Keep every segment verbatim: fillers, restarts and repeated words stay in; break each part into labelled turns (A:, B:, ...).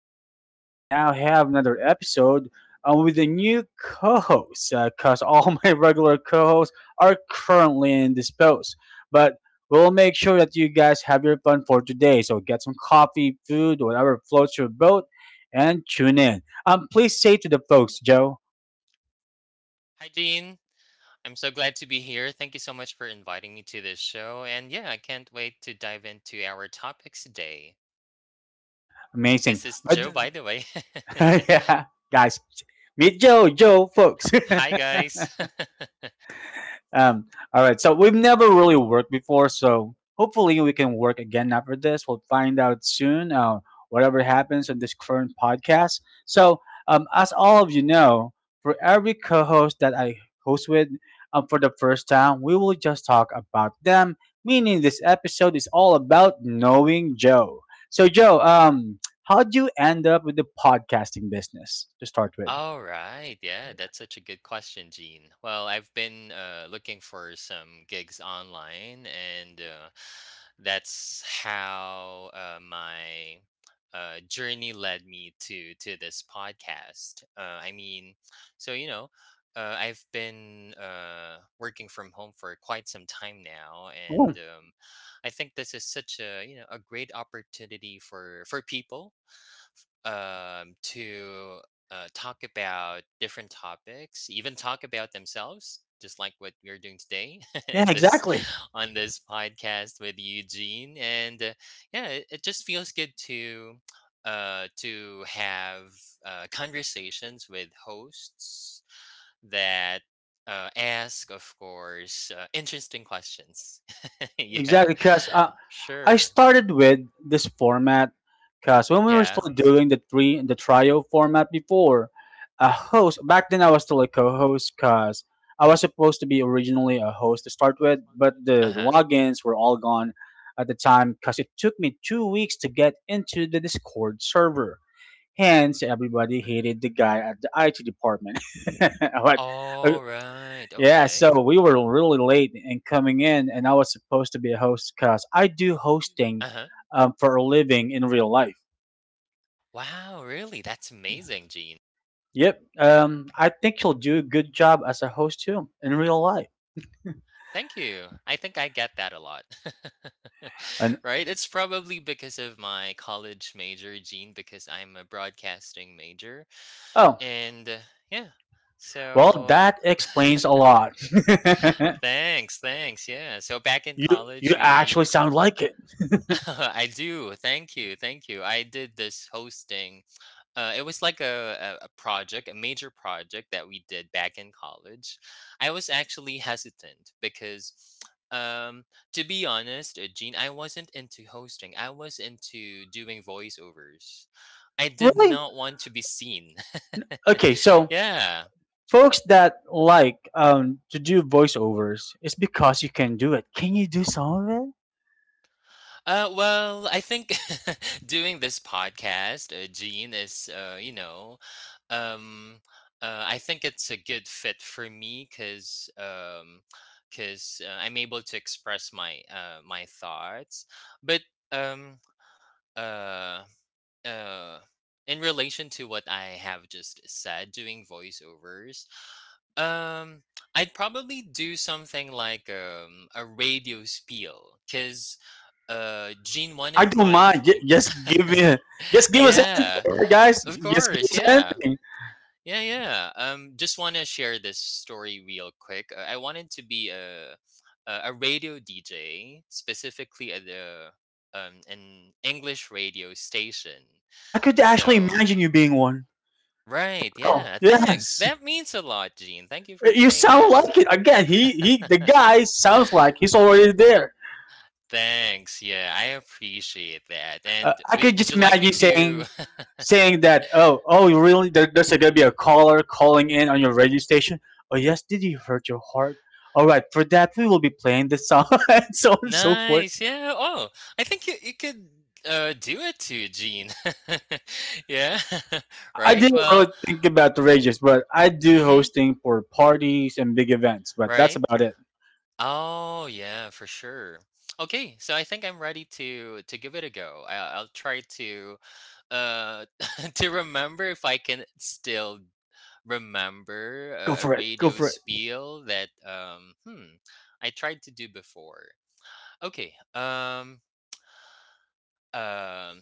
A: Podcast. We now have another episode um, with a new co host because all my regular co hosts are currently indisposed. But we'll make sure that you guys have your fun for today. So get some coffee, food, whatever floats your boat, and tune in. Um, please say to the folks, Joe.
B: Hi, Jean. I'm so glad to be here. Thank you so much for inviting me to this show. And yeah, I can't wait to dive into our topics today.
A: Amazing.
B: This is
A: But
B: Joe, by the way.
A: yeah, guys, meet Joe, Joe, folks.
B: Hi, guys.
A: Um, all right. So we've never really worked before, so hopefully we can work again after this. We'll find out soon. Uh, whatever happens on this current podcast. So, um, as all of you know, for every co-host that I host with, um, for the first time, we will just talk about them. Meaning, this episode is all about knowing Joe. So, Joe, um, how'd you end up with the podcasting business to start with?
B: All right. Yeah, that's such a good question, Gene. Well, I've been uh, looking for some gigs online, and uh, that's how uh, my uh, journey led me to to this podcast. Uh, I mean, so you know, uh, I've been uh, working from home for quite some time now,
A: Oh,
B: and um, I think this is such a you know a great opportunity for for people um, to uh, talk about different topics, even talk about themselves, just like what we're doing today
A: yeah,
B: in this
A: exactly.
B: on this podcast with Eugene. And uh, yeah, it, it just feels good to uh, to have uh, conversations with hosts that. Uh, ask, of course, uh, interesting questions. yeah,
A: Exactly, because I
B: sure.
A: started with this format because when we were
B: Yeah.
A: still doing the three the trio format before, a host back then I was still a co-host because I was supposed to be originally a host to start with, but
B: Uh
A: the
B: huh.
A: logins were all gone at the time because it took me two weeks to get into the Discord server. Hence, everybody hated the guy at the I T department. What?
B: All right.
A: Yeah,
B: Okay.
A: so we were really late in coming in, and I was supposed to be a host because I do hosting,
B: Uh huh.
A: um, for a living in real life.
B: Wow, really? That's
A: Yeah.
B: amazing, Gene.
A: Yep. Um, I think you'll do a good job as a host too in real life.
B: Thank you. I think I get that a lot.
A: And
B: Right? It's probably because of my college major, Gene, because I'm a broadcasting major.
A: oh,
B: And uh, yeah,
A: well,
B: so
A: that explains a lot.
B: thanks, thanks. Yeah. So back in
A: you
B: college,
A: you
B: we
A: actually sound like it.
B: I do. Thank you. Thank you. I did this hosting. Uh, it was like a, a, a project, a major project that we did back in college. I was actually hesitant because, um, to be honest, uh, Gene, I wasn't into hosting. I was into doing voiceovers. I did
A: Really?
B: not want to be seen.
A: Okay, so
B: yeah.
A: folks that like, um, to do voiceovers, it's because you can do it. Can you do some of it?
B: Uh, well, I think doing this podcast, uh, Gene, is, uh, you know, um, uh, I think it's a good fit for me because um, cause, uh, I'm able to express my uh, my thoughts. But um, uh, uh, in relation to what I have just said, doing voiceovers, um, I'd probably do something like um, a radio spiel because uh, Gene, one
A: I
B: of
A: don't
B: my—
A: mind. Ju- Just give me, just give us
B: Yeah,
A: anything, guys.
B: of
A: Just give
B: course,
A: us
B: yeah.
A: anything.
B: Yeah, yeah. Um, just wanna share this story real quick. Uh, I wanted to be a a a radio D J, specifically at the um an English radio station.
A: I could actually
B: So
A: imagine you being one.
B: Right,
A: Oh,
B: yeah, thanks.
A: yes.
B: That means a lot, Gene. Thank you for
A: You
B: saying
A: sound
B: that.
A: like it. Again, he, he the guy sounds like he's already there.
B: Thanks. Yeah, I appreciate that.
A: Uh,
B: And
A: I
B: w
A: could
B: would
A: just
B: you like me
A: imagine
B: to—
A: saying saying that, oh, oh, really? There, there's gonna be a caller calling in on your radio station. Oh, yes, did you hurt your heart? All right, for that we will be playing the song and so on and so forth.
B: Nice. Yeah. Oh, I think you, you could uh, do it to Gene. yeah.
A: I
B: right.
A: didn't really
B: Well,
A: think about the radios, but I do
B: hmm
A: hosting for parties and big events, but that's
B: right.
A: about it.
B: Oh, yeah, for sure. Okay, so I think I'm ready to to give it a go. I, I'll try to uh to remember if I can still remember
A: Go
B: a, a
A: for it, go
B: radio
A: for it.
B: spiel that um hmm I tried to do before. Okay. Um. Um.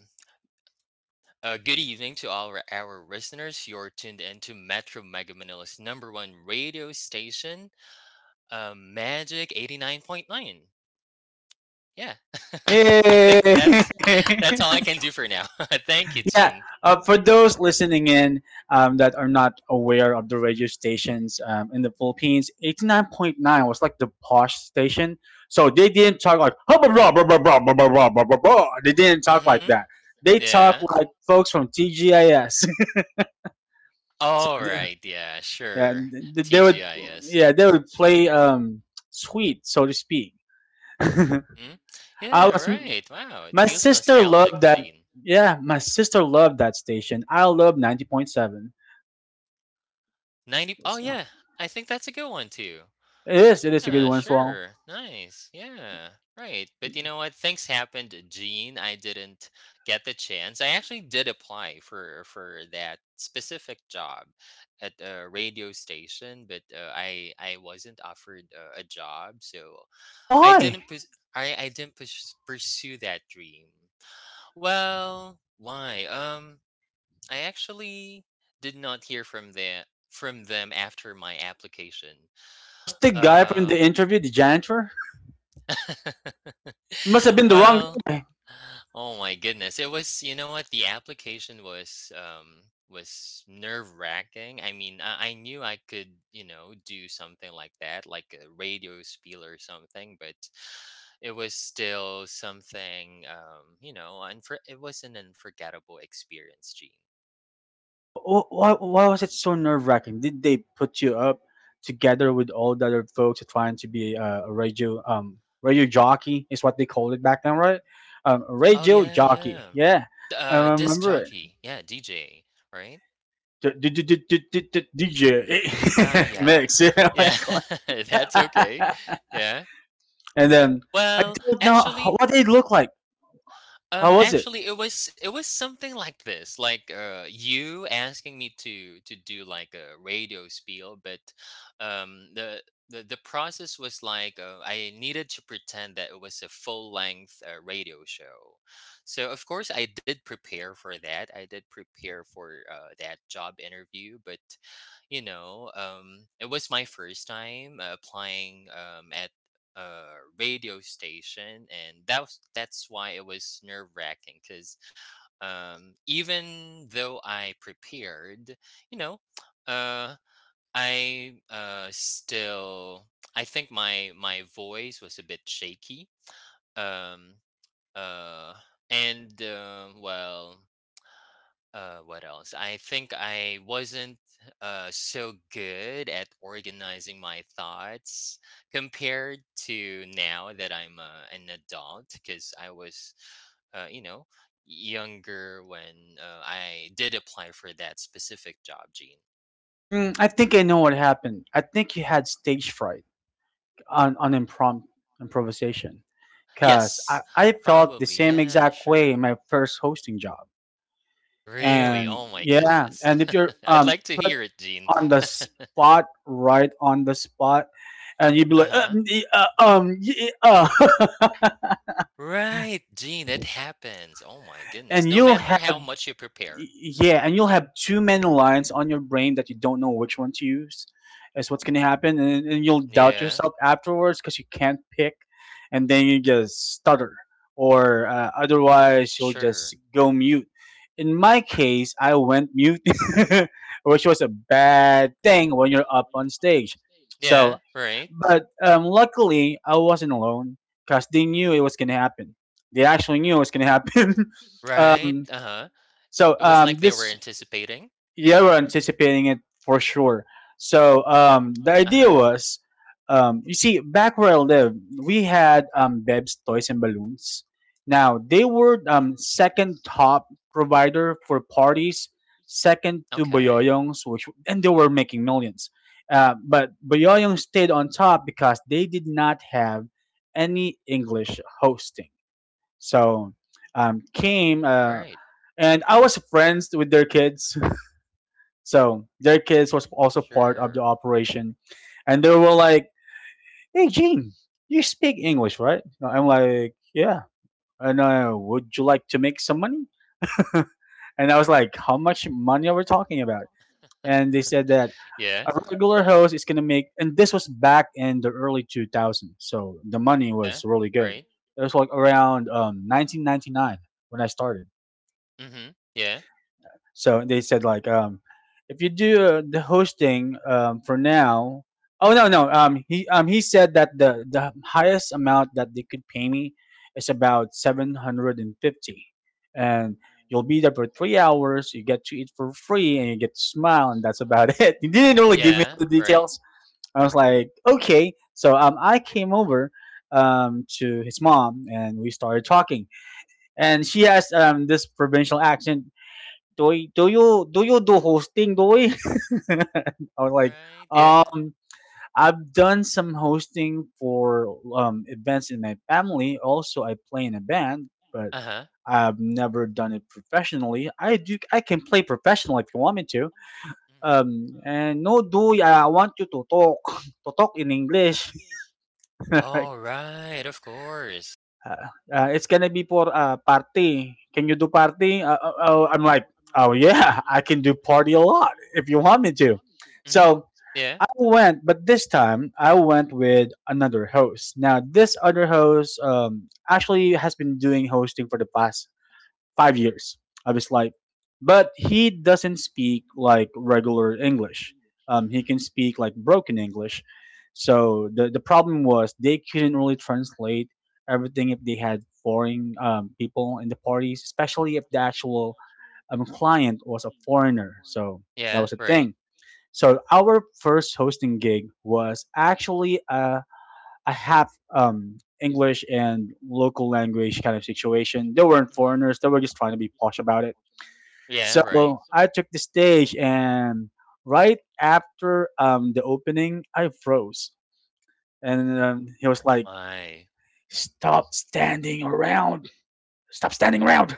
B: Uh, good evening to all our, our listeners. You're tuned in to Metro Mega Manila's number one radio station, uh, Magic eighty-nine point nine. Yeah. I
A: Yay!
B: think that's that's all I can do for now. Thank you,
A: Yeah.
B: Gene.
A: Uh, for those listening in, um, that are not aware of the radio stations, um, in the Philippines, eighty-nine point nine was like the posh station. So they didn't talk like, "Hubba blah, blah, blah, blah, blah, blah, blah, blah, blah, blah." They didn't talk like
B: Mm-hmm.
A: that. They talk
B: Yeah.
A: like folks from T G I S. so
B: All
A: th-
B: right. Yeah,
A: yeah,
B: sure.
A: th- they would,
B: T G I S. Yeah.
A: yeah, they would play, um, sweet, so to speak. I
B: Mm-hmm. Yeah,
A: was,
B: right. Wow. It
A: my
B: feels
A: sister
B: nostalgic,
A: loved that.
B: Gene.
A: Yeah, my sister loved that station. I love ninety point seven.
B: ninety. Oh, yeah. I think that's a good one, too.
A: It is. It is a good
B: Yeah,
A: one as well.
B: sure. Nice. Yeah. Right. But you know what? Things happened, Gene. I didn't get the chance. I actually did apply for for that specific job at a radio station, but uh, I I wasn't offered uh, a job, so I
A: Why?
B: didn't pus- I I didn't pus- pursue that dream. Well, why? Um, I actually did not hear from the from them after my application.
A: Was the guy from the
B: Um,
A: interview the janitor? It must have been the wrong
B: well,
A: guy.
B: oh my goodness. It was, you know what? The application was um was nerve-wracking. I mean, I, I knew I could, you know, do something like that, like a radio spiel or something, but it was still something, um, you know, unfor- it was an unforgettable experience, Gene.
A: Wh- wh- Why, why was it so nerve wracking? Did they put you up together with all the other folks trying to be uh, a radio um radio jockey is what they called it back then, right? Um,
B: Oh
A: radio
B: yeah,
A: jockey.
B: yeah.
A: Yeah, I
B: Uh disc
A: remember it.
B: jockey. Yeah, D J, right?
A: D- DJ
B: Uh yeah.
A: mix. Yeah, oh my
B: Yeah.
A: God.
B: That's okay. Yeah.
A: And then I
B: Well,
A: don't know how-
B: actually,
A: what they look like. How
B: Um,
A: was it?
B: actually, it was it was something like this, like uh, you asking me to to do like a radio spiel, but um, the the the process was like uh, I needed to pretend that it was a full length uh, radio show. So of course I did prepare for that. I did prepare for uh, that job interview, but you know, um, it was my first time uh, applying um, at a radio station, and that was, that's why it was nerve wracking. Because um, even though I prepared, you know, uh, I uh, still I think my my voice was a bit shaky. Um, uh, and um Well. Uh, what else? I think I wasn't uh so good at organizing my thoughts compared to now that I'm uh, an adult because I was uh, you know, younger when uh, I did apply for that specific job, Gene.
A: Mm, I think I know what happened. I think you had stage fright on on impromptu improvisation. Cause
B: Yes,
A: I, I felt the
B: probably.
A: same
B: Yeah,
A: exact way
B: sure.
A: in my first hosting job.
B: Really?
A: And
B: Oh my
A: yeah,
B: goodness.
A: and if you're
B: I'd
A: um
B: like to
A: put
B: hear it, Gene.
A: on the spot, right on the spot, and you'd be like, uh,
B: Uh-huh.
A: mm, eh, uh, um, yeah, uh.
B: Right, Gene, it happens. Oh my goodness.
A: and
B: No
A: you'll
B: matter
A: have
B: how much you prepare.
A: Y- yeah and you'll have too many lines on your brain that you don't know which one to use is what's going to happen and, and you'll doubt
B: Yeah,
A: yourself afterwards because you can't pick and then you just stutter or uh, otherwise you'll
B: sure.
A: just go mute in my case I went mute which was a bad thing when you're up on stage so
B: Yeah, right,
A: but, um, luckily I wasn't alone because they knew it was going to happen they actually knew it was going to happen
B: right,
A: um,
B: uh-huh. It
A: so
B: was like
A: um,
B: they were
A: this
B: anticipating.
A: yeah, we're anticipating it for sure. So, um, the idea
B: Uh-huh,
A: was, um, you see, back where I live, we had, um, Beb's Toys and Balloons. Now they were, um, second top provider for parties, second to
B: okay.
A: Boyoyong's, which and they were making millions. Uh, but Boyoyong stayed on top because they did not have any English hosting. So um,
B: Mm,
A: came uh,
B: right,
A: and I was friends with their kids. So their kids was also part of the
B: sure.
A: operation, and they were like, "Hey, Gene, you speak English, right?" I'm like, "Yeah." And uh, would you like to make some money? And I was like, "How much money are we talking about?" And they said that
B: Yeah,
A: a regular host is gonna make, and this was back in the early two thousands, so the money
B: yeah,
A: was really good.
B: right,
A: It was like around, um, nineteen ninety-nine when I started.
B: mhm, yeah,
A: So they said like, um, if you do uh, the hosting, um, for now, oh no no, um, he um, he said that the the highest amount that they could pay me is about seven hundred and fifty, and you'll be there for three hours. You get to eat for free, and you get to smile, and that's about it. He didn't really give me
B: yeah,
A: the
B: right,
A: details. I was like, okay. So um, I came over um to his mom and we started talking and she has um this provincial accent. Doy, do you do you do hosting, Doy? I was like,
B: right, yeah,
A: um, I've done some hosting for um events in my family. Also, I play in a band, but
B: uh-huh,
A: I've never done it professionally. I do, I can play professional if you want me to.
B: mhm.
A: Um, and no, Doy, I want you to talk, to talk in English.
B: Oh, right, of course.
A: Uh, uh, it's gonna be for a party. Can you do party? Uh, uh, oh, I'm like, oh yeah, I can do party a lot if you want me to.
B: Mhm,
A: So
B: yeah,
A: I went, but this time I went with another host. Now this other host, um, actually has been doing hosting for the past five years of his life. But he doesn't speak like regular English. Um, he
B: mhm,
A: can speak like broken English. So the, the problem was they couldn't really translate everything if they had foreign, um, people in the parties, especially if the actual, um, client was a foreigner. So that
B: yeah,
A: was a
B: right,
A: thing. So our first hosting gig was actually a a half, um, English and local language kind of situation. They weren't foreigners; they were just trying to be posh about it.
B: yeah,
A: So
B: right.
A: I took the stage, and right after, um, the opening, I froze, and um, he was
B: Oh
A: like,
B: my.
A: "Stop standing around! Stop standing around!"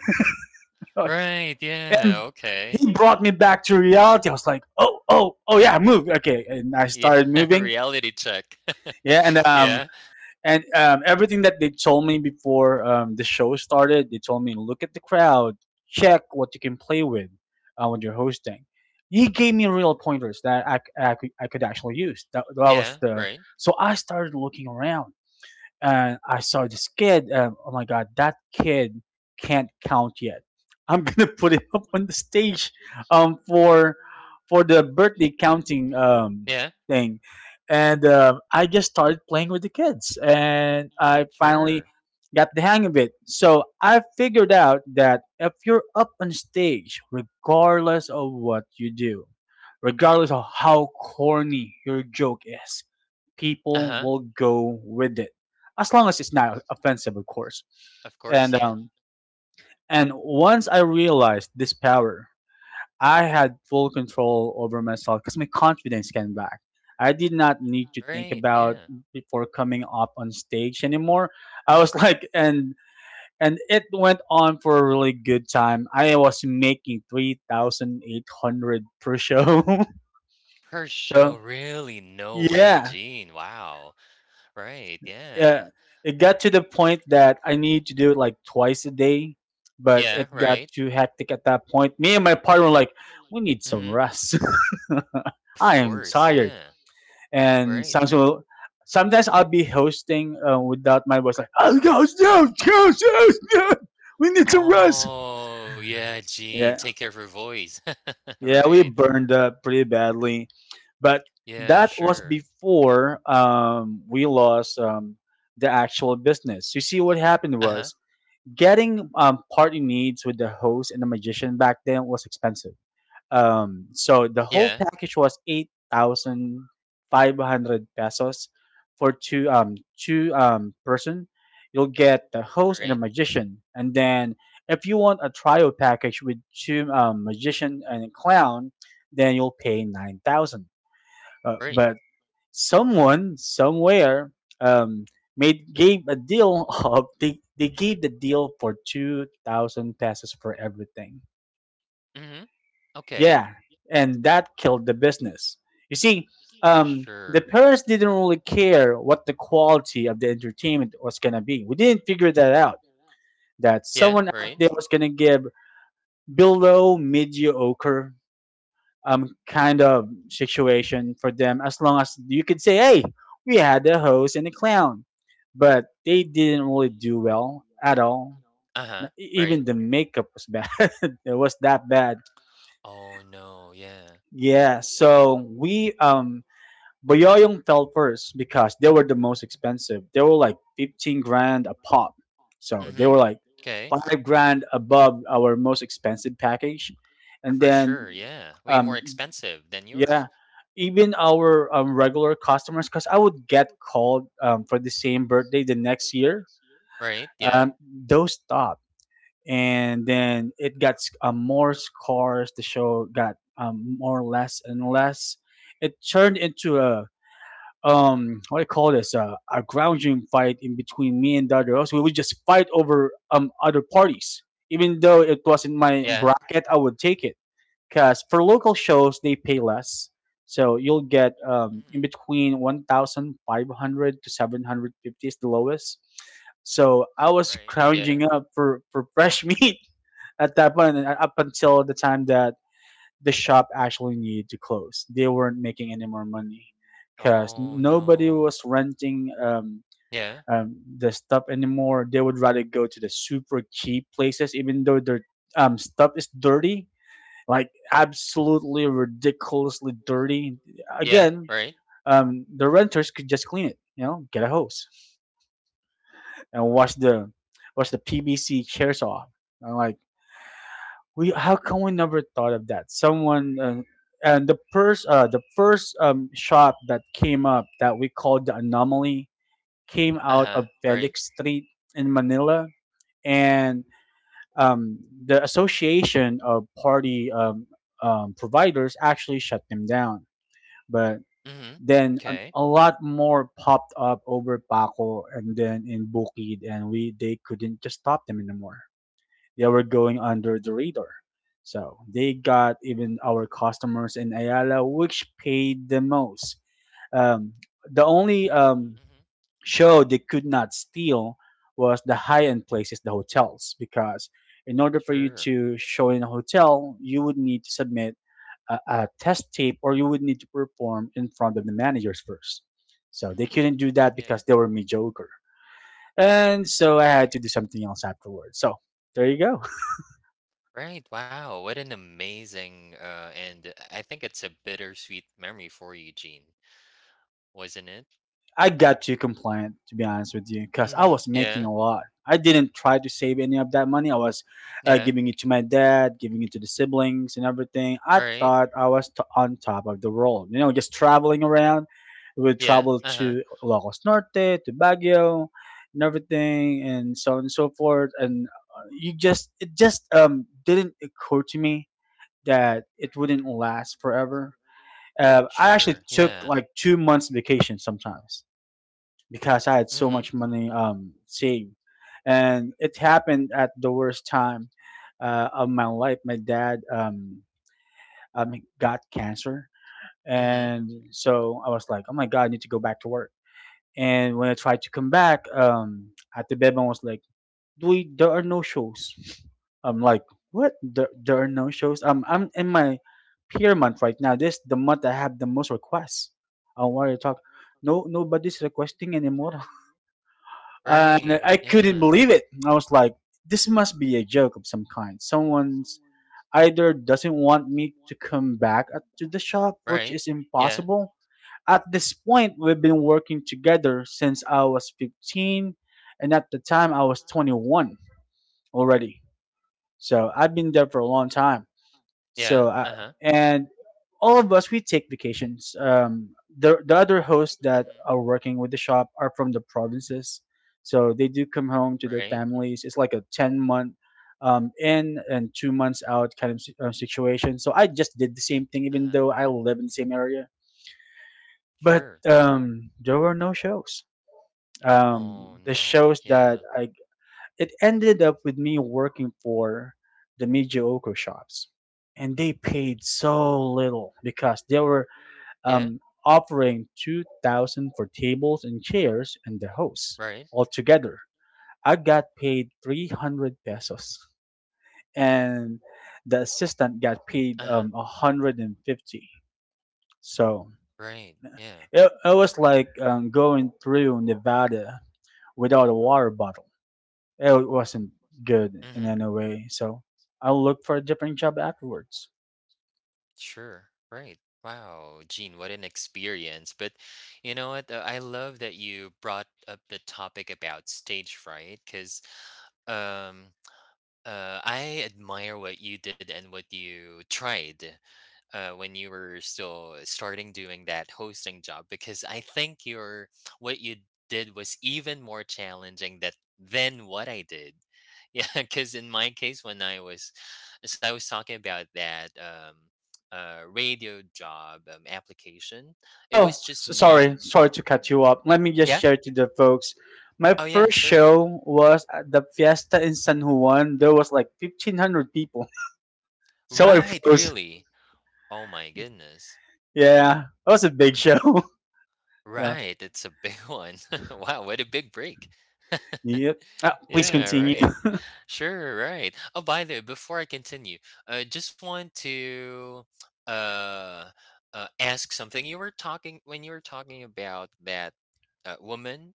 B: Right, yeah,
A: And
B: okay.
A: he brought me back to reality. I was like, "Oh, oh, oh, yeah, move!" Okay, and I
B: Yeah,
A: started moving.
B: reality check.
A: Yeah, and
B: Yeah,
A: um, and um, everything that they told me before, um, the show started, they told me look at the crowd, check what you can play with uh, when you're hosting. He gave me real pointers that I, c- I could I could actually use. That, that
B: yeah,
A: was the
B: right,
A: so I started looking around and I saw this kid. Um, oh my god, that kid can't count yet. I'm gonna put him up on the stage, um, for for the birthday counting, um,
B: yeah.
A: thing, and um I just started playing with the kids, and I finally
B: Sure.
A: got the hang of it. So I figured out that if you're up on stage, regardless of what you do, regardless of how corny your joke is, people
B: Uh-huh.
A: will go with it as long as it's not offensive, of course.
B: Of course,
A: And,
B: yeah.
A: um, and once I realized this power, I had full control over myself because my confidence came back. I did not need to think
B: Right,
A: about
B: yeah.
A: before coming up on stage anymore. I was like, and and it went on for a really good time. I was making three thousand eight hundred per show.
B: Per
A: So
B: show, really? No way,
A: yeah,
B: Gene. Wow. Right,
A: yeah,
B: yeah.
A: it got to the point that I need to do it like twice a day, but it
B: Yeah,
A: got
B: right.
A: too hectic at that point. Me and my partner were like, we need some
B: Mhm.
A: rest.
B: Of
A: I am
B: course,
A: tired.
B: yeah.
A: And
B: Right.
A: sometimes, will sometimes I'll be hosting uh, without my voice, like, oh, goes, no, goes, goes, no, we need some rest.
B: Oh, yeah, Gene,
A: Yeah,
B: take care of her voice.
A: yeah, we
B: Right.
A: burned up pretty badly, but
B: Yeah,
A: that was
B: sure.
A: before, um, we lost, um, the actual business. You see, what happened
B: Uh-huh.
A: was Getting um, party needs with the host and the magician back then was expensive. Um, so the whole
B: Yeah,
A: package was eight thousand five hundred pesos for two um two um person. You'll get the host and the
B: right.
A: magician, and then if you want a trio package with two um, magician and a clown, then you'll pay nine thousand. Uh,
B: Right.
A: but someone somewhere um, made gave a deal of they, they gave the deal for two thousand pesos for everything,
B: Mhm. Okay.
A: yeah, and that killed the business, you see. Um, the
B: Sure.
A: parents didn't really care what the quality of the entertainment was going to be. We didn't figure that out, that
B: Yeah,
A: someone out
B: right.
A: there was going to give below mediocre um kind of situation for them, as long as you could say, hey, we had a host and a clown, but they didn't really do well at all. N-
B: Uh-huh.
A: e- even
B: Right.
A: the makeup was bad. It was that bad,
B: Oh, no, yeah.
A: yeah. So we um boyoyong fell first because they were the most expensive. They were like fifteen grand a pop, so they
B: Mm-hmm.
A: were like
B: Okay.
A: five grand above our most expensive package. And
B: For sure,
A: then
B: yeah. Way
A: um
B: more expensive than
A: yeah,
B: yours,
A: even our um, regular customers, because I would get called um, for the same birthday the next year.
B: right? Yeah,
A: Um, those stopped, and then it got um, more scores. The show got um, more or less and less. It turned into a um what do you call this uh, a grounding fight in between me and the other host. We would just fight over um other parties, even though it wasn't my
B: yeah,
A: bracket. I would take it. Because for local shows, they pay less. So you'll get um,
B: mhm,
A: in between one thousand five hundred to seven hundred fifty is the lowest. So I was
B: right, yeah.
A: scrounging up for, for fresh meat at that point, and up until the time that the shop actually needed to close. They weren't making any more money because
B: Oh,
A: nobody
B: no.
A: was renting um,
B: Yeah,
A: um, the stuff anymore. They would rather go to the super cheap places, even though their um, stuff is dirty, like absolutely ridiculously dirty.
B: yeah,
A: Again,
B: right.
A: um, the renters could just clean it. You know, get a hose and wash the wash the P V C chairs off. I'm like, we how come we never thought of that? Someone uh, and the first uh, the first um, shop that came up that we called the anomaly came out of
B: Uh-huh, right.
A: Felix Street in Manila, and um, the association of party um, um, providers actually shut them down. But
B: Mhm.
A: then a,
B: Okay,
A: a lot more popped up over Paco and then in Bukid, and we they couldn't just stop them anymore. They were going under the radar. So they got even our customers in Ayala, which paid the most. Um, the only um, show they could not steal was the high end places, the hotels, because in order for you
B: sure.
A: to show in a hotel, you would need to submit a, a test tape, or you would need to perform in front of the managers first. So they
B: Mhm,
A: couldn't do that because
B: yeah.
A: they were mediocre. And so I had to do something else afterwards. So there you go.
B: Right, wow, what an amazing, uh, and I think it's a bittersweet memory for you, Gene, wasn't it?
A: I got too compliant, to be honest with you, because I
B: Mhm,
A: was making
B: yeah,
A: a lot. I didn't try to save any of that money. I was uh,
B: yeah,
A: giving it to my dad, giving it to the siblings and everything. I
B: right,
A: thought I was to- on top of the world, you know, just traveling around. We would
B: yeah,
A: travel
B: uh-huh,
A: to Lagos Norte, to Baguio, and everything, and so on and so forth. And uh, you just, it just um, didn't occur to me that it wouldn't last forever. Uh, I actually
B: sure,
A: took
B: yeah,
A: like two months vacation sometimes because I had so
B: mhm,
A: much money um, saved. And it happened at the worst time uh, of my life. My dad um, um, got cancer.
B: mhm,
A: And so I was like, oh my God, I need to go back to work. And when I tried to come back, um, at the bedman was like, we, there are no shows. I'm like, what? There, there are no shows? Um, I'm in my peer month right now. This the month I have the most requests. I want to talk. No, nobody's requesting anymore, and
B: right,
A: I couldn't
B: yeah,
A: believe it. I was like, this must be a joke of some kind. Someone's either doesn't want me to come back at- to the shop, which
B: right,
A: is
B: yeah,
A: impossible. At this point, we've been working together since I was fifteen, and at the time I was twenty-one already. So I've been there for a long time.
B: yeah,
A: So uh,
B: uh-huh.
A: and all of us we take vacations. Um, the the other hosts that are working with the shop are from the provinces, so they do come home to their
B: Right?
A: families. It's like a ten month um, in and two months out kind of si- uh, situation. So I just did the same thing, even
B: Uh-huh.
A: though I live in the same area. But
B: Sure.
A: um, there were no shows.
B: Oh,
A: Um, the
B: no.
A: shows
B: Yeah.
A: that I It ended up with me working for the mediocre shops, and they paid so little because they were
B: Yeah.
A: um, offering two thousand for tables and chairs and the host
B: Right.
A: altogether. I got paid three hundred pesos, and the assistant got paid
B: Uh-huh.
A: um, one hundred and fifty. So
B: Right. Yeah.
A: it, it was like um, going through Nevada without a water bottle. It wasn't good in
B: Mhm.
A: any way. So I'll look for a different job afterwards.
B: Sure. Right. Wow, Gene, what an experience. But you know what? uh, I love that you brought up the topic about stage fright because um uh I admire what you did and what you tried uh, when you were still starting doing that hosting job because I think your what you did was even more challenging that than what I did. Yeah, because in my case, when I was as I was talking about that um, uh, radio job um, application, it
A: Oh,
B: was just
A: s-
B: me.
A: sorry, sorry to cut you up. Let me just
B: Yeah.
A: share to the folks. My
B: Oh yeah,
A: first
B: sure.
A: show was at the fiesta in San Juan. There was like fifteen hundred people, so I
B: Right.
A: froze.
B: Really. Oh my goodness.
A: Yeah, that was a big show. Yeah.
B: Right. It's a big one. wow. What a big break.
A: Yep. Ah, please
B: yeah.
A: continue.
B: Right. Sure, right. Oh, by the way, before I continue, I just want to uh, uh, ask something. You were talking when you were talking about that uh, woman.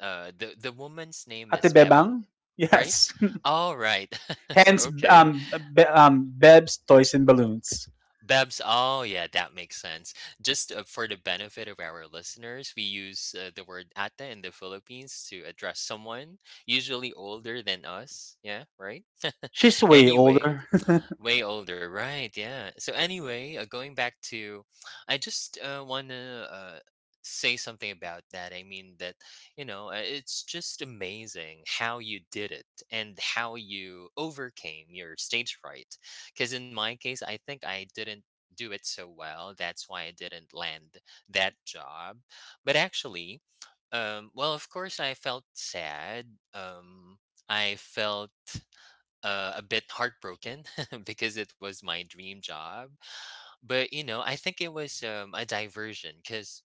B: Uh, the the woman's name
A: Ate
B: is Bebang,
A: Bebang?
B: right?
A: Yes.
B: All right.
A: Hence,
B: Okay.
A: um, Be- um, Beb's Toys and Balloons.
B: Babs. Oh, yeah, that makes sense. Just uh, for the benefit of our listeners, we use uh, the word ata in the Philippines to address someone usually older than us. Yeah, right.
A: She's way
B: Anyway,
A: older.
B: way older, right? Yeah. So anyway, uh, going back to, I just uh, want to uh, say something about that. I mean that you know uh, it's just amazing how you did it and how you overcame your stage fright. Because in my case, I think I didn't do it so well. That's why I didn't land that job. But actually, um, well, of course, I felt sad. Um, I felt uh, a bit heartbroken because it was my dream job. But, you know, I think it was, um, a diversion 'cause,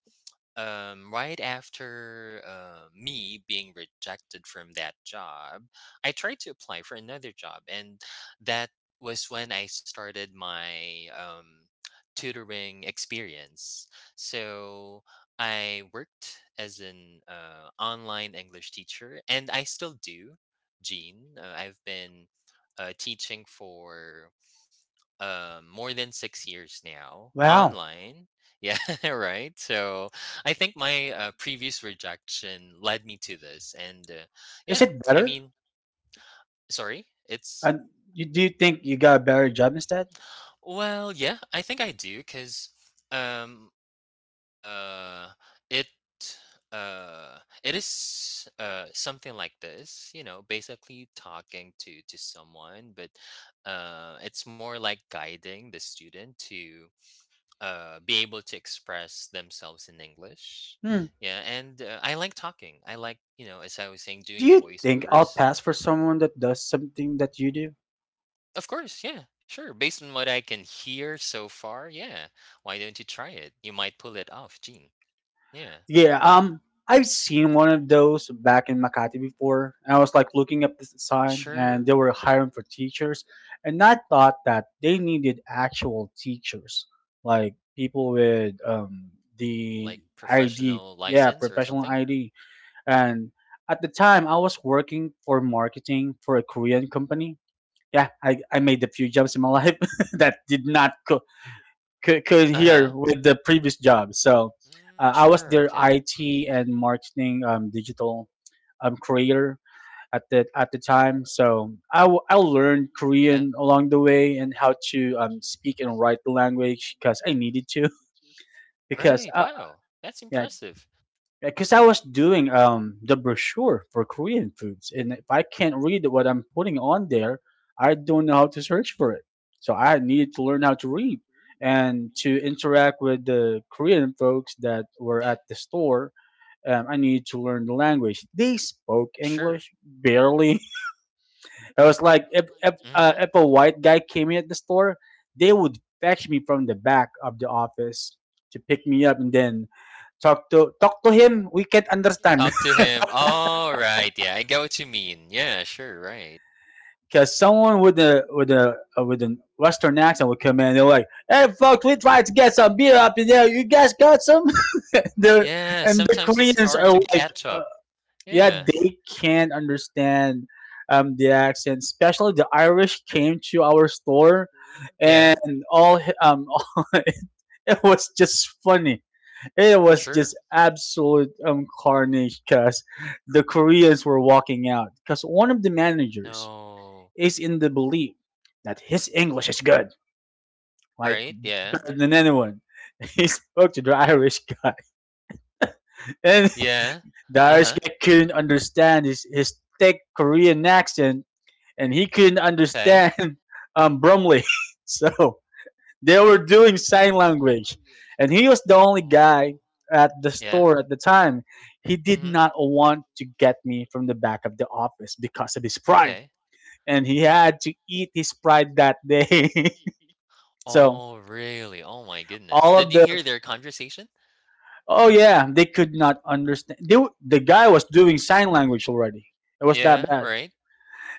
B: um, right after, uh, me being rejected from that job, I tried to apply for another job, and that was when I started my, um, tutoring experience. So, I worked as an, uh, online English teacher, and I still do, Gene. Uh, I've been, uh, teaching for uh, more than six years now
A: Wow.
B: online. Yeah, right. So I think my uh, previous rejection led me to this and uh,
A: Is
B: yeah,
A: it
B: I
A: better?
B: mean, sorry. It's
A: And you, do you think you got a better job instead?
B: Well, yeah, I think I do cuz um uh it uh it is uh something like this, you know, basically talking to to someone, but uh it's more like guiding the student to uh, be able to express themselves in English.
A: Hmm.
B: Yeah, and uh, I like talking. I like, you know, as I was saying,
A: Do
B: doing
A: you think I'll
B: voiceovers.
A: pass for someone that does something that you do?
B: Of course, yeah, sure. Based on what I can hear so far, yeah. Why don't you try it? You might pull it off, Gene. Yeah,
A: Yeah,
B: right.
A: um, I've seen one of those back in Makati before, and I was like looking up this sign, and
B: Sure.
A: they were hiring for teachers, and I thought that they needed actual teachers, like people with um the
B: Like
A: I D,
B: professional
A: yeah,
B: license or
A: professional
B: something.
A: I D. And at the time, I was working for marketing for a Korean company. Yeah, I, I made a few jumps in my life that did not co- could, could
B: Uh
A: hear
B: huh.
A: with the previous job. So uh, I was
B: Sure.
A: their
B: Okay.
A: I T and marketing um, digital um, creator at the at the time. So I, w- I learned
B: Yeah.
A: Korean along the way and how to um, speak and write the language because I needed to. because
B: Right.
A: uh,
B: Wow. That's
A: yeah
B: impressive.
A: because I was doing um the brochure for Korean foods, and if I can't read what I'm putting on there, I don't know how to search for it. So I needed to learn how to read and to interact with the Korean folks that were
B: Yeah.
A: at the store. Um, I needed to learn the language. They spoke
B: Sure.
A: English barely. I was like, if if, uh,
B: Mm-hmm.
A: if a white guy came in at the store, they would fetch me from the back of the office to pick me up, and then talk to talk to him. We can't understand.
B: Talk to him. All right. Yeah. I get what you mean. Yeah. Sure. Right.
A: Because someone with a with a uh, with a Western accent would come in. They're like, "Hey, folks, we tried to get some beer up in there. You guys got some?" the
B: Yeah,
A: And the
B: sometimes it's
A: Koreans are
B: hard to
A: like,
B: catch
A: uh,
B: up.
A: "Yeah,
B: Yeah.
A: they can't understand um, the accent." Especially the Irish came to our store,
B: Yeah.
A: and all hi- um, it was just funny. It was
B: Sure.
A: just absolute um, carnage, because the Koreans were walking out because one of the managers
B: No.
A: is in the belief that his English is good, like
B: Right, yeah.
A: better than anyone. He spoke to the Irish guy, and
B: Yeah.
A: the Irish
B: Uh-huh.
A: guy couldn't understand his, his thick Korean accent, and he couldn't
B: Okay.
A: understand um, Bromley. So they were doing sign language, and he was the only guy at the
B: Yeah.
A: store at the time. He did
B: Mhm.
A: not want to get me from the back of the office because of his pride,
B: Okay.
A: and he had to eat his pride that day. So
B: Oh, really? Oh my goodness.
A: all
B: Did
A: of
B: you
A: the,
B: hear their conversation?
A: oh yeah, they could not understand, they, w- the guy was doing sign language already, it was that
B: Yeah,
A: bad.
B: right?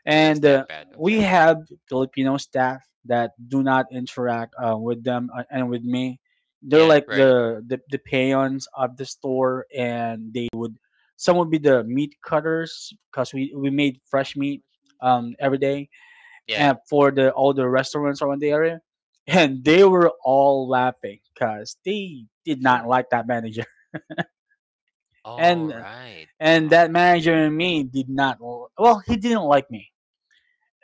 B: It was
A: And
B: that
A: uh,
B: bad.
A: We
B: Okay.
A: have Filipino staff that do not interact uh, with them, uh, and with me. They're
B: Yeah,
A: like
B: right?
A: the, the the peons of the store, and they would, some would be the meat cutters because we, we made fresh meat, um, every day,
B: Yeah.
A: and for the, all the restaurants around the area. And they were all laughing because they did not
B: Sure.
A: like that manager. and
B: Alright.
A: and
B: Wow.
A: that manager and me did not, well, he didn't like me.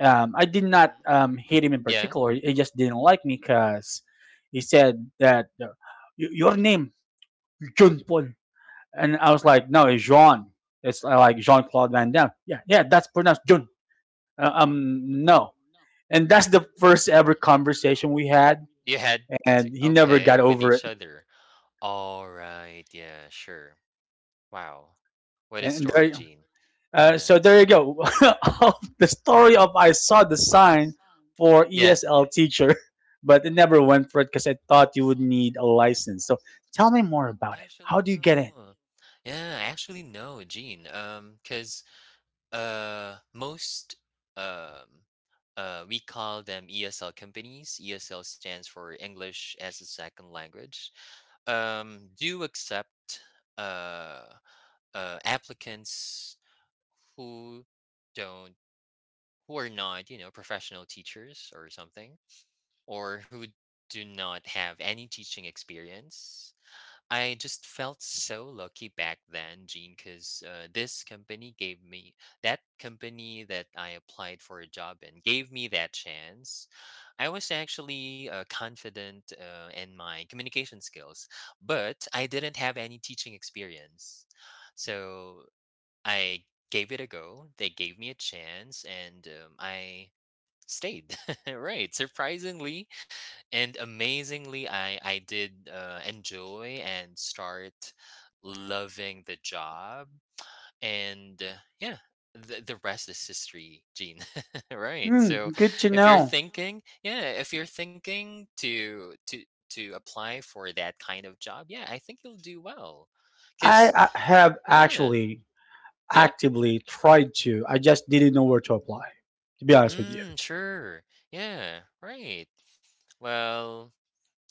A: um, I did not um, hate him in
B: Yeah.
A: particular. He just didn't like me because he said that uh, "Y- Your name, John Paul," and I was like, "No, it's Jean, it's uh, like Jean-Claude Van Damme." "Yeah, yeah, that's pronounced John." Uh, um no. And that's the first ever conversation we had,
B: You had to
A: and he never
B: okay,
A: got
B: with
A: over
B: each
A: it.
B: other. Alright. Yeah, sure. Wow. What a
A: And
B: story,
A: there,
B: Gene.
A: Uh,
B: Yeah.
A: so there you go. Of the story of I saw the sign for
B: Yeah.
A: E S L teacher, but it never went for it because I thought you would need a license. So tell me more about it. How
B: Actually,
A: do you get in?
B: no. Yeah, actually, no, Gene. Um, because uh, most um, uh, we call them E S L companies. E S L stands for English as a Second Language. Um, do accept uh, uh applicants who don't who are not, you know, professional teachers or something, or who do not have any teaching experience. I just felt so lucky back then, Gene, because uh, this company gave me, that company that I applied for a job in, gave me that chance. I was actually uh, confident uh, in my communication skills, but I didn't have any teaching experience. So I gave it a go. They gave me a chance, and um, I stayed. Right. Surprisingly, and amazingly, i i did uh, enjoy and start loving the job, and uh, yeah, the, the rest is history, Gene. Right.
A: Hmm,
B: So
A: good to
B: if you're
A: know.
B: thinking, yeah, if you're thinking to to to apply for that kind of job, yeah, I think you'll do well
A: I,
B: because
A: I have
B: yeah.
A: actually
B: Yeah.
A: actively tried to. I just didn't know where to apply. To be honest with you.
B: Mm, sure. Yeah, right. Well,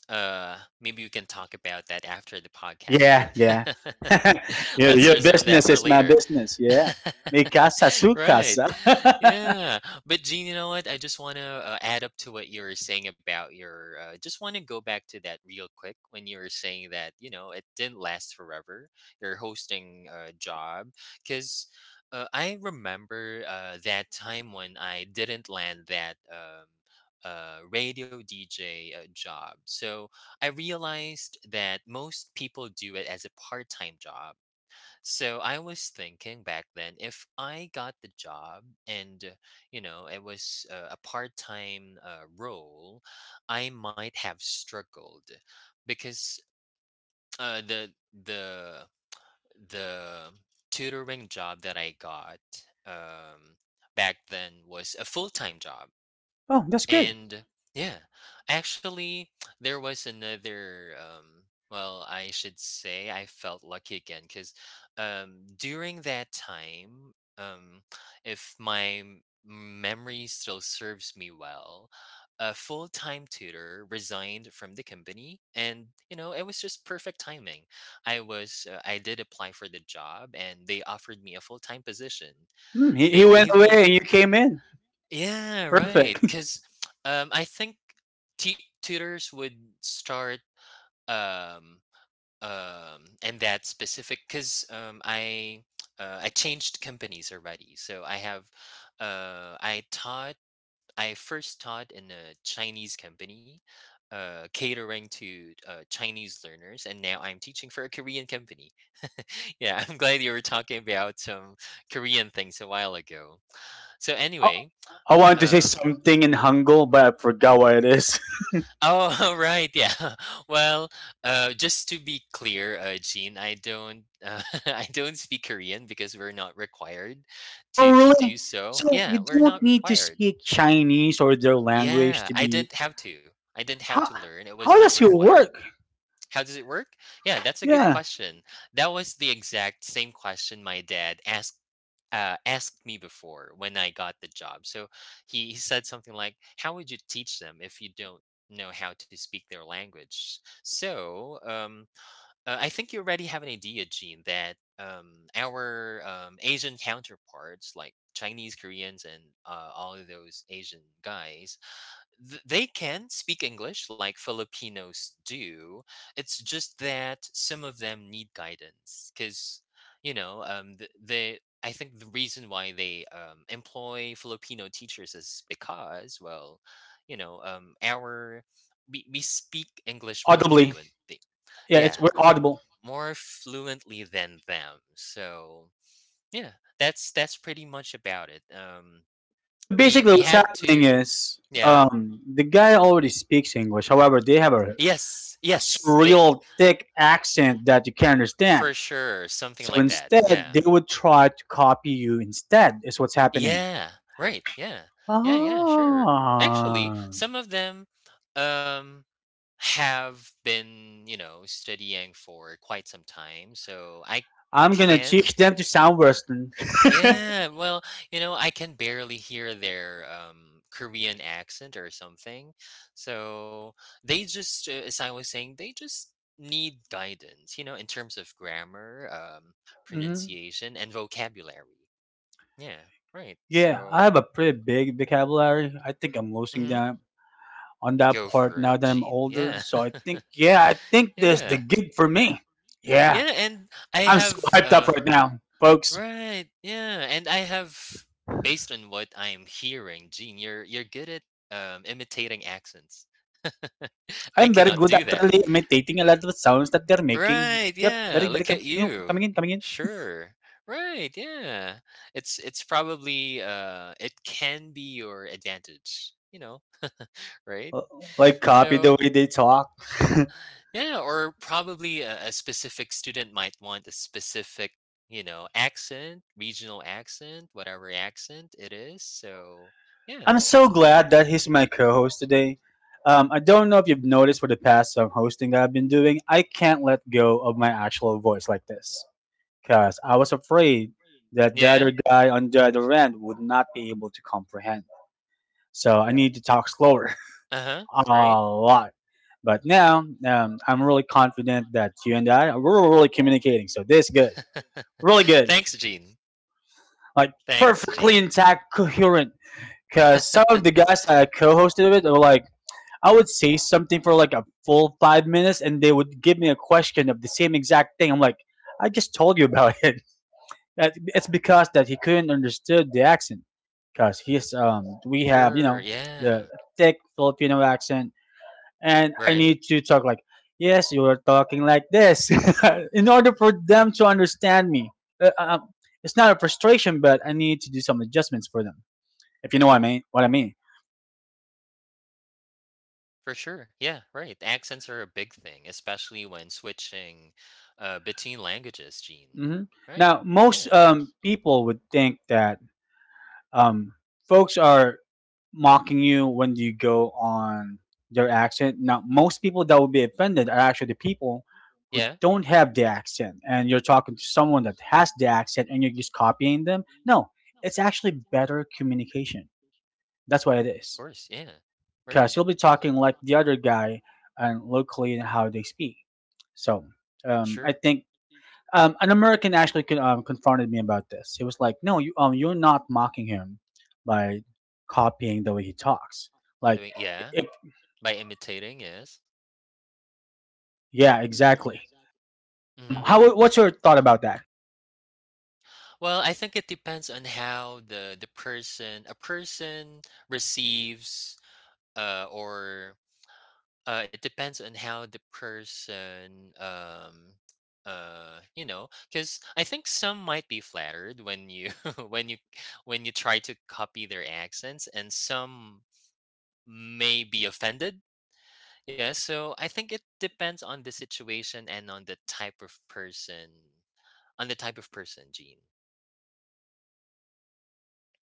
B: uh maybe we can talk about that after the podcast,
A: Yeah,
B: Gene.
A: yeah. your,
B: Let's
A: your
B: reserve that
A: business
B: for
A: is my
B: later.
A: business. Yeah. Mi casa su
B: Right.
A: casa.
B: Yeah. But Gene, you know what? I just want to uh, add up to what you were saying about your. Uh, just want to go back to that real quick when you were saying that, you know, it didn't last forever. Your hosting uh, job, because uh, I remember uh, that time when I didn't land that. Um, uh, radio D J uh, job. So I realized that most people do it as a part time job. So I was thinking back then, if I got the job and uh, you know, it was uh, a part-time uh, role, I might have struggled because uh, the the the tutoring job that I got, um, back then, was a full-time job.
A: Oh, that's good.
B: And yeah, actually, there was another. Um, well, I should say I felt lucky again because um, during that time, um, if my m- memory still serves me well, a full time tutor resigned from the company, and you know, it was just perfect timing. I was uh, I did apply for the job, and they offered me a full time position.
A: Hmm, he,
B: They
A: he went
B: gave
A: away
B: me,
A: and you came in.
B: yeah, right,
A: Perfect.
B: 'cause, um, I think tu tutors would start, um, um, in that specific 'cause, um, I, uh, I changed companies already, so I have, uh, I taught, I first taught in a Chinese company, uh, catering to, uh, Chinese learners, and now I'm teaching for a Korean company. Yeah, I'm glad you were talking about some Korean things a while ago. So
A: I,
B: anyway,
A: I wanted to say
B: um
A: something in Hangul, but I forgot what it is.
B: Oh, right, yeah. Well, uh, just to be clear, uh, Gene, I don't, uh, I don't speak Korean because we're not required
A: Oh,
B: to to do
A: really?
B: so.
A: So you
B: Yeah, we're
A: don't
B: not
A: need to
B: required.
A: speak Chinese or their language
B: Yeah,
A: to
B: I
A: be.
B: didn't have to. I didn't have to
A: How
B: learn. It was
A: how
B: not
A: does it
B: required.
A: work?
B: How does it work? Yeah, that's a good
A: Yeah,
B: question. That was the exact same question my dad asked uh, asked me before when I got the job. So he, he said something like, "How would you teach them if you don't know how to speak their language?" So um, uh, I think you already have an idea, Gene, that um, our um, Asian counterparts, like Chinese, Koreans, and uh, all of those Asian guys, Th they can speak English like Filipinos do. It's just that some of them need guidance because, you know, um, th they, I think the reason why they um, employ Filipino teachers is because, well, you know, um, our we, we speak English more
A: audibly.
B: fluent,
A: Yeah, it's,
B: yeah,
A: we're audible.
B: more fluently than them. So yeah, that's that's pretty much about it. Um,
A: So
B: we
A: basically,
B: we
A: what's
B: had
A: happening
B: to,
A: is,
B: yeah.
A: um, the guy already speaks English. However, they have a,
B: Yes,
A: a
B: yes. They.
A: surreal thick accent that you can't
B: For
A: understand.
B: sure, something
A: So
B: like that,
A: instead,
B: yeah.
A: they would try to copy you. Instead, is what's happening.
B: Yeah, right, yeah. Yeah, yeah, sure. Actually,
A: Ah.
B: some of them, um, have been, you know, studying for quite some time, so I
A: I'm gonna
B: can.
A: teach them to sound worse than.
B: Yeah, well, you know, I can barely hear their, um, Korean accent or something, so they just, uh, as I was saying, they just need guidance, you know, in terms of grammar, um,
A: Mhm.
B: pronunciation, and vocabulary. Yeah, right,
A: Yeah, I
B: so
A: have a pretty big vocabulary. I think I'm losing
B: mhm,
A: that on that
B: go for
A: part
B: it,
A: now that I'm
B: Gene. Yeah.
A: older. So I think, yeah, I think there's
B: Yeah.
A: the gig for me. Yeah,
B: Yeah, and I
A: I'm so
B: have,
A: hyped up
B: uh
A: right now, folks.
B: Right, yeah, and I have, based on what I am hearing, Gene, you're you're good at, um, imitating accents. I
A: I'm very
B: cannot
A: good
B: do
A: at
B: that.
A: really imitating a lot of sounds that they're making.
B: Right,
A: Yep,
B: yeah,
A: very, very
B: look
A: com-
B: at
A: you know,
B: you.
A: coming in, coming in.
B: Sure. Right, yeah. It's it's probably, uh it can be your advantage, you know, right?
A: Uh, Like copy the
B: So
A: way they talk.
B: yeah, or probably a, a specific student might want a specific, you know, accent, regional accent, whatever accent it is. So, yeah,
A: I'm so
B: right.
A: glad that he's my co-host today. Um, I don't know if you've noticed for the past some hosting I've been doing, I can't let go of my actual voice like this, because I was afraid that the other
B: Yeah.
A: guy on the other end would not be able to comprehend. So I need to talk slower
B: Uh huh.
A: a
B: Right.
A: lot. But now, um, I'm really confident that you and I, we're really communicating. So this good, really good,
B: Thanks, Gene.
A: like
B: Thanks,
A: perfectly
B: Gene.
A: intact, coherent. Because some of the guys I co-hosted with were like, I would say something for like a full five minutes, and they would give me a question of the same exact thing. I'm like, I just told you about it. That- It's because that he couldn't understood the accent, because he's, um, we have, you
B: Sure.
A: know, the
B: Yeah.
A: thick Filipino accent, and I
B: Right.
A: need to talk like, yes, you are talking like this in order for them to understand me. Uh, uh, um, it's not a frustration, but I need to do some adjustments for them. If you know what I mean, what I mean.
B: For sure. Yeah. Right. Accents are a big thing, especially when switching uh, between languages, Gene.
A: Hmm.
B: Right.
A: Now, most
B: Yeah.
A: um, people would think that, um, folks are mocking you when you go on their accent. Now, most people that would be offended are actually the people who
B: Yeah. Of
A: don't have the accent, and you're talking to someone that has the accent, and you're just copying them. No, it's actually better communication. That's what it is.
B: course. Yeah.
A: Because
B: Right.
A: you'll be talking like the other guy and locally in how they speak. So um, I
B: Sure.
A: think, um, an American actually con- um, confronted me about this. He was like, "No, you, um, you're not mocking him by copying the way he talks.
B: I
A: Like,
B: mean, yeah.
A: if,
B: By imitating, yes.
A: yeah, exactly." Um,
B: Mhm.
A: how, what's your thought about that?
B: Well, I think it depends on how the the person, a person receives, uh or uh it depends on how the person um uh you know, cuz I think some might be flattered when you when you when you try to copy their accents, and some may be offended. Yeah, so I think it depends on the situation and on the type of person, on the type of person, Gene.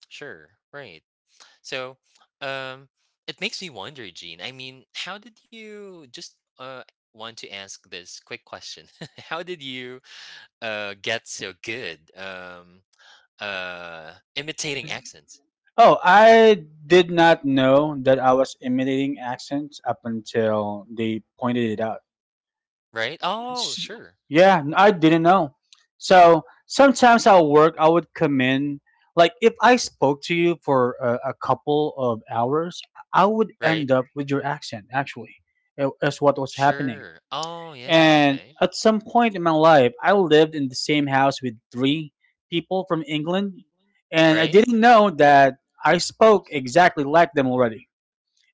B: Sure, right. So, um, it makes me wonder, Gene. I mean, how did you just uh want to ask this quick question? How did you uh get so good um uh imitating
A: With,
B: accents?
A: oh, I did not know that I was imitating accents up until they pointed it out.
B: Right? Oh,
A: S-
B: sure.
A: Yeah, I didn't know. So sometimes at work, I would come in. Like if I spoke to you for a, a couple of hours, I would end
B: Right?
A: up with your accent. Actually, it, is what was happening.
B: Sure. Oh, yeah,
A: And
B: okay.
A: at some point in my life, I lived in the same house with three people from England, and I
B: Right?
A: didn't know that I spoke exactly like them already.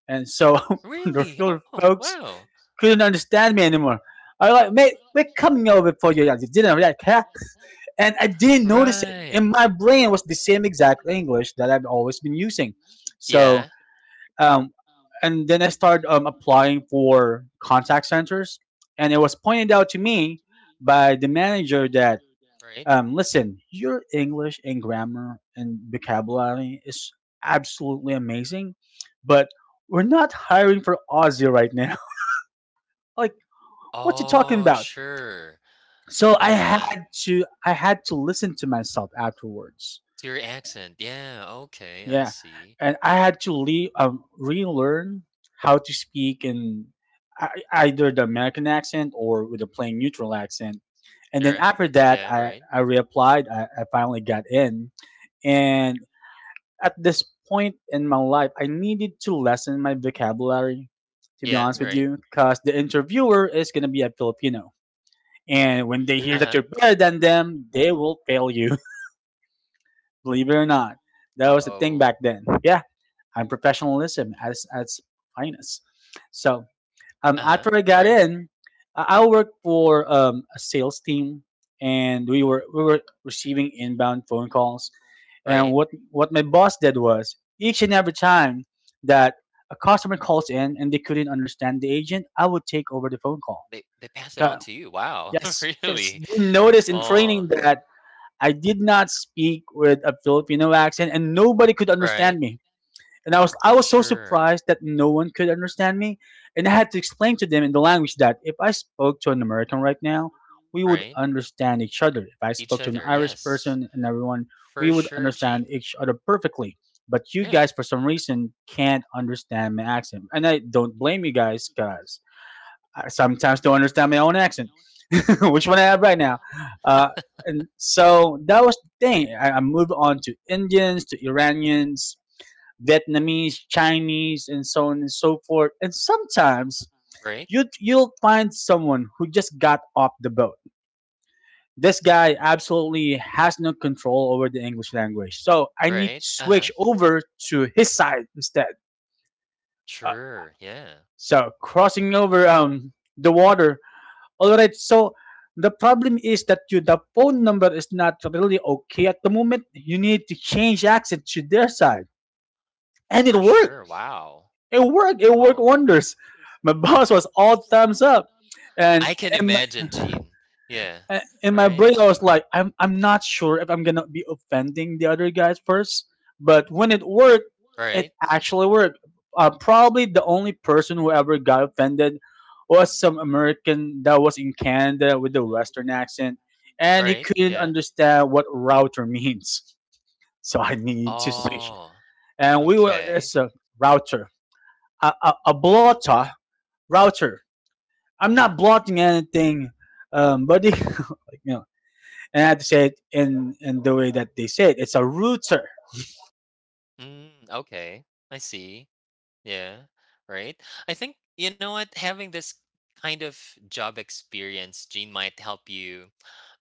A: And so, the
B: Really?
A: regular
B: Oh,
A: folks
B: wow.
A: couldn't understand me anymore. I was like, "Mate, we're coming over for you. Yeah, you didn't react, huh?" And I didn't notice it.
B: Right.
A: And my brain was the same exact English that I've always been using. So,
B: Yeah,
A: um, and then I started, um, applying for contact centers. And it was pointed out to me by the manager that,
B: right.
A: um, "Listen, your English and grammar and vocabulary is absolutely amazing, but we're not hiring for Aussie right now." Like, what you talking
B: Oh,
A: about?
B: sure.
A: So i had
B: Yeah.
A: to i had to listen to myself afterwards.
B: To your accent. Yeah, okay, I
A: Yeah,
B: see.
A: and I had to le- um, relearn how to speak in, ei- either the American accent or with a plain neutral accent. And then
B: Yeah,
A: after
B: right.
A: that,
B: Yeah,
A: i
B: right.
A: i reapplied. i, I finally got in. And at this point in my life, I needed to lessen my vocabulary, to be
B: Yeah,
A: honest with
B: right.
A: you, because the interviewer is going to be a Filipino, and when they hear that
B: Uh-huh.
A: you're better than them, they will fail you. Believe it or not, that was the thing
B: Uh-oh.
A: back then. Yeah, I'm professionalism as as finest. So um,
B: Uh-huh.
A: after I got
B: Right,
A: in, I I worked for um, a sales team, and we were we were receiving inbound phone calls. And
B: right.
A: what what my boss did was each and every time that a customer calls in and they couldn't understand the agent, I would take over the phone call.
B: They they pass it
A: Ca-
B: on to you. Wow,
A: Yes, because
B: really?
A: they noticed in
B: Oh,
A: training that I did not speak with a Filipino accent, and nobody could
B: right.
A: understand me. And I was I was so
B: Sure.
A: surprised that no one could understand me, and I had to explain to them in the language that if I spoke to an American right now, we would
B: Right.
A: understand each other. If I
B: Each
A: spoke to an
B: other.
A: Irish
B: Yes.
A: person and everyone, we
B: For
A: would
B: sure,
A: understand
B: Gene.
A: each other perfectly. But you guys,
B: Yeah.
A: for some reason, can't understand my accent, and I don't blame you guys because I sometimes don't understand my own accent. Which one I have right now. Uh, and so that was the thing. I, I moved on to Indians, to Iranians, Vietnamese, Chinese, and so on and so forth. And sometimes
B: Right.
A: you you'll find someone who just got off the boat. This guy absolutely has no control over the English language, so I need to
B: Right. Uh-huh.
A: switch over to his side instead. Uh,
B: Sure. Yeah.
A: so crossing over, um the water. All right. So the problem is that you, the phone number is not really okay at the moment. You need to change accent to their side, and it
B: For sure.
A: worked.
B: Wow.
A: It worked. It worked
B: Oh,
A: wonders. My boss was all thumbs up,
B: I
A: and
B: can
A: and my,
B: imagine, Gene. Yeah.
A: a- in my
B: Right.
A: brain I was like, I'm I'm not sure if I'm gonna be offending the other guys first, but when it worked, it
B: Right.
A: actually worked. Uh, probably the only person who ever got offended was some American that was in Canada with a Western accent, and he
B: Right.
A: couldn't
B: Yeah.
A: understand what router means. So I need to switch.
B: Oh,
A: And we were,
B: okay.
A: it's a router, a, a, a blotter router. I'm not blotting anything, um, buddy. You know." And I had to say it in in the way that they say it. It's a rooter.
B: Mm, okay. I see. Yeah, right. I think you know what, having this kind of job experience, Gene, might help you.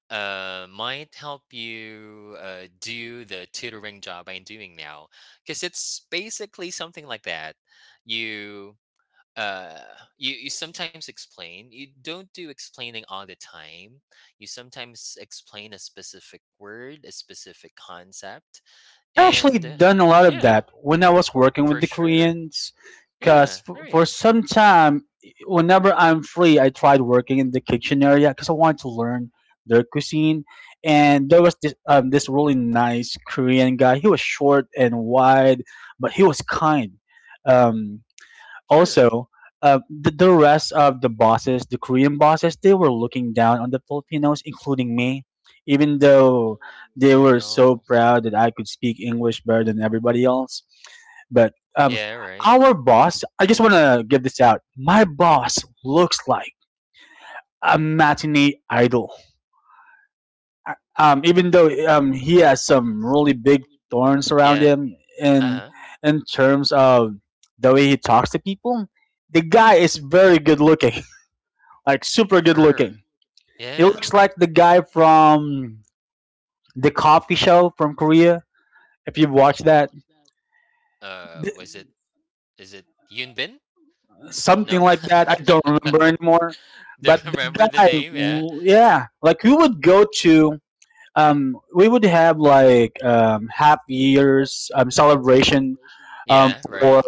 B: Uh, might help you uh, do the tutoring job I'm doing now, because it's basically something like that. You uh you, you sometimes explain, you don't do explaining all the time, you sometimes explain a specific word, a specific concept,
A: I've
B: and
A: actually
B: uh,
A: done a lot of
B: yeah,
A: that when I was working with
B: for
A: the
B: sure,
A: Koreans,
B: yeah,
A: because
B: right,
A: for some time, whenever I'm free, I tried working in the kitchen area because I wanted to learn their cuisine. And there was this um, this really nice Korean guy. He was short and wide, but he was kind. Um,
B: sure.
A: Also, uh, the, the rest of the bosses, the Korean bosses, they were looking down on the Filipinos, including me, even though they
B: Oh,
A: were so
B: no.
A: proud that I could speak English better than everybody else. But um,
B: Yeah, right.
A: our boss, I just want to give this out. My boss looks like a matinee idol, um, even though, um, he has some really big thorns around
B: Yeah.
A: him, in
B: Uh-huh.
A: in terms of the way he talks to people. The guy is very good looking, like super good
B: Sure.
A: looking. He
B: Yeah.
A: looks like the guy from the coffee show from Korea. If you've watched that,
B: Uh,
A: Th-
B: was it, is it Yunbin?
A: something
B: No?
A: like that. I don't remember anymore.
B: Do you
A: But the
B: remember the
A: guy,
B: name? Yeah.
A: l- yeah, like we would go to, um, we would have like, um, half years, um, celebration, um,
B: Yeah, right.
A: for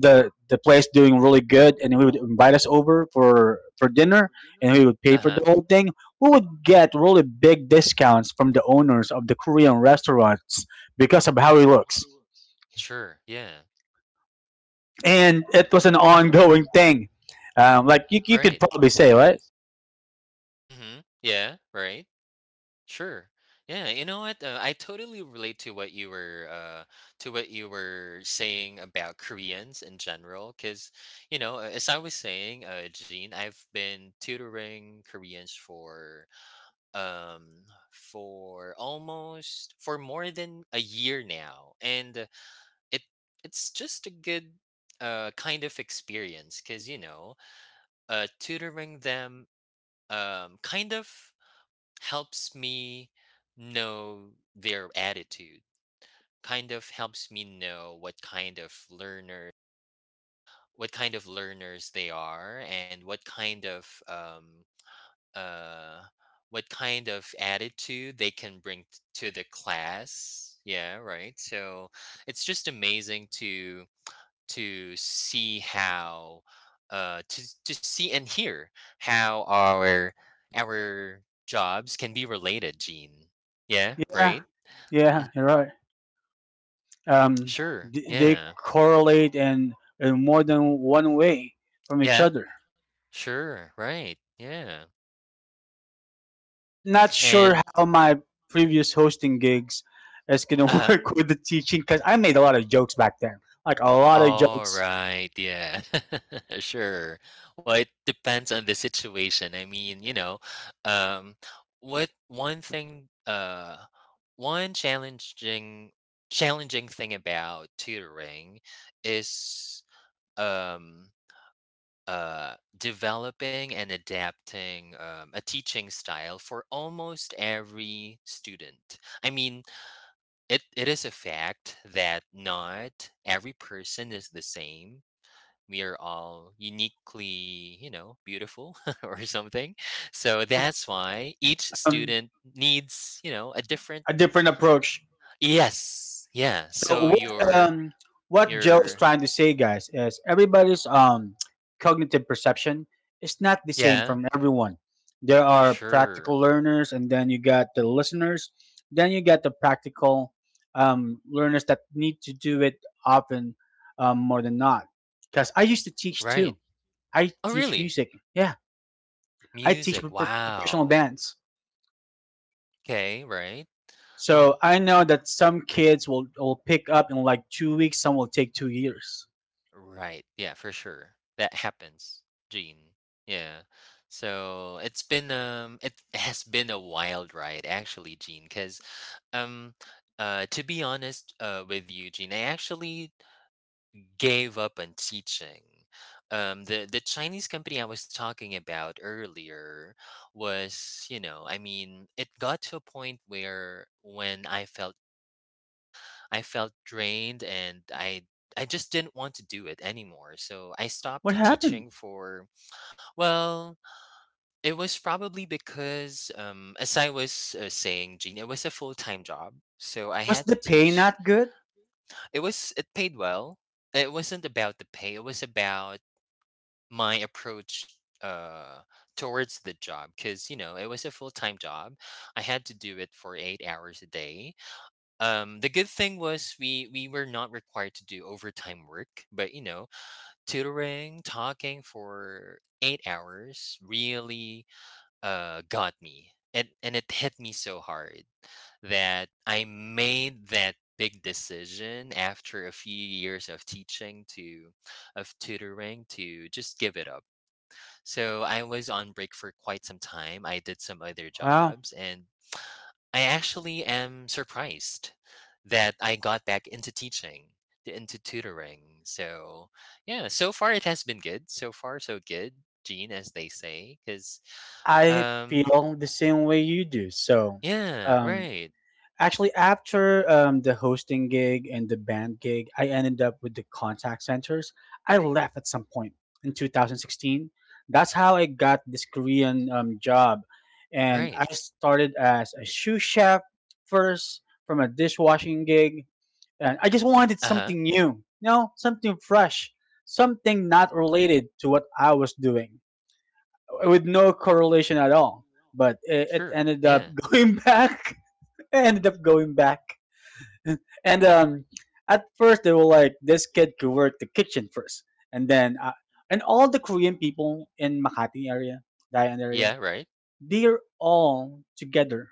A: the the place doing really good, and we would invite us over for for dinner, and we would pay for
B: Uh-huh.
A: the whole thing. We would get really big discounts from the owners of the Korean restaurants because of how he looks,
B: Sure. Yeah.
A: and it was an ongoing thing. Um, like you, you could
B: Right.
A: probably say, right?
B: Mhm. Yeah, right. Sure. Yeah, you know what? Uh, I totally relate to what you were uh to what you were saying about Koreans in general, cuz you know, uh, as I was saying, uh Gene, I've been tutoring Koreans for um for almost, for more than a year now, and uh, it it's just a good uh kind of experience, cuz you know, uh tutoring them um kind of helps me know their attitude, kind of helps me know what kind of learner, what kind of learners they are, and what kind of um uh what kind of attitude they can bring t- to the class. Yeah, right, so it's just amazing to to see how, uh to to see and hear how our our jobs can be related, Gene. Yeah,
A: Yeah,
B: right,
A: yeah, you're right. Um,
B: sure,
A: th- they
B: yeah.
A: correlate in, in more than one way from each
B: Yeah,
A: other.
B: sure, right, yeah.
A: Just not sure
B: And
A: how my previous hosting gigs is going to
B: uh-huh.
A: work with the teaching because I made a lot of jokes back then, like a lot of
B: All
A: jokes.
B: right, yeah. Sure. Well, it depends on the situation. I mean, you know, um, what, one thing, uh, one challenging, challenging thing about tutoring is um uh developing and adapting um, a teaching style for almost every student. I mean, it it is a fact that not every person is the same. We are all uniquely, you know, beautiful or something. So
A: You know,
B: that's why each
A: um,
B: student needs, you know, a different.
A: a different approach.
B: Yes. Yeah.
A: So
B: So
A: what
B: your
A: um what Joe is
B: your
A: trying to say, guys, is everybody's um cognitive perception is not the same
B: yeah,
A: from everyone. There are
B: sure.
A: practical learners, and then you got the listeners. Then you got the practical um, learners that need to do it often um, more than not. Because I used to teach too.
B: Right.
A: I
B: Oh,
A: teach
B: really?
A: music. Yeah, I teach
B: Music.
A: pro- pro- professional
B: Wow.
A: bands.
B: Okay, right.
A: So
B: Oh,
A: I know that some kids will will pick up in like two weeks. Some will take two years.
B: right. Yeah, for sure. That happens. Gene. Yeah. So it's been um it has been a wild ride actually, Gene, because Um, uh, to be honest, uh, with you, Eugene, I actually gave up on teaching. Um, the the Chinese company I was talking about earlier was, you know, I mean, it got to a point where when I felt, I felt drained, and I I just didn't want to do it anymore. So I
A: What
B: stopped
A: happened?
B: teaching for, well, it was probably because, um, as I was uh, saying, Gene, it was a full time job. So I
A: Was
B: had
A: the
B: to
A: pay
B: teach.
A: not good?
B: It was, it paid well. It wasn't about the pay. It was about my approach uh towards the job because you know it was a full-time job. I had to do it for eight hours a day. Um the good thing was we we were not required to do overtime work, but you know, tutoring, talking for eight hours really uh got me. It and it hit me so hard that I made that big decision after a few years of teaching to of tutoring to just give it up. So I was on break for quite some time. I did some other
A: Well,
B: jobs, and I actually am surprised that I got back into teaching, t- into tutoring. So, yeah, so far it has been good. So far so good, Gene, as they say, cuz
A: I
B: um
A: feel the same way you do. So,
B: yeah,
A: um,
B: right.
A: actually, after um, the hosting gig and the band gig, I ended up with the contact centers. I left at some point in two thousand sixteen. That's how I got this Korean um, job. And
B: Right.
A: I started as a shoe chef first from a dishwashing gig. And I just wanted
B: Uh-huh.
A: something new, you know, something fresh, something not related to what I was doing, with no correlation at all. But it, it
B: Sure.
A: ended up
B: Yeah.
A: going back. Ended up going back. And um, at first they were like, this kid could work the kitchen first, and then uh, and all the Korean people in Makati area, Dayan
B: Yeah,
A: area,
B: right.
A: they're all together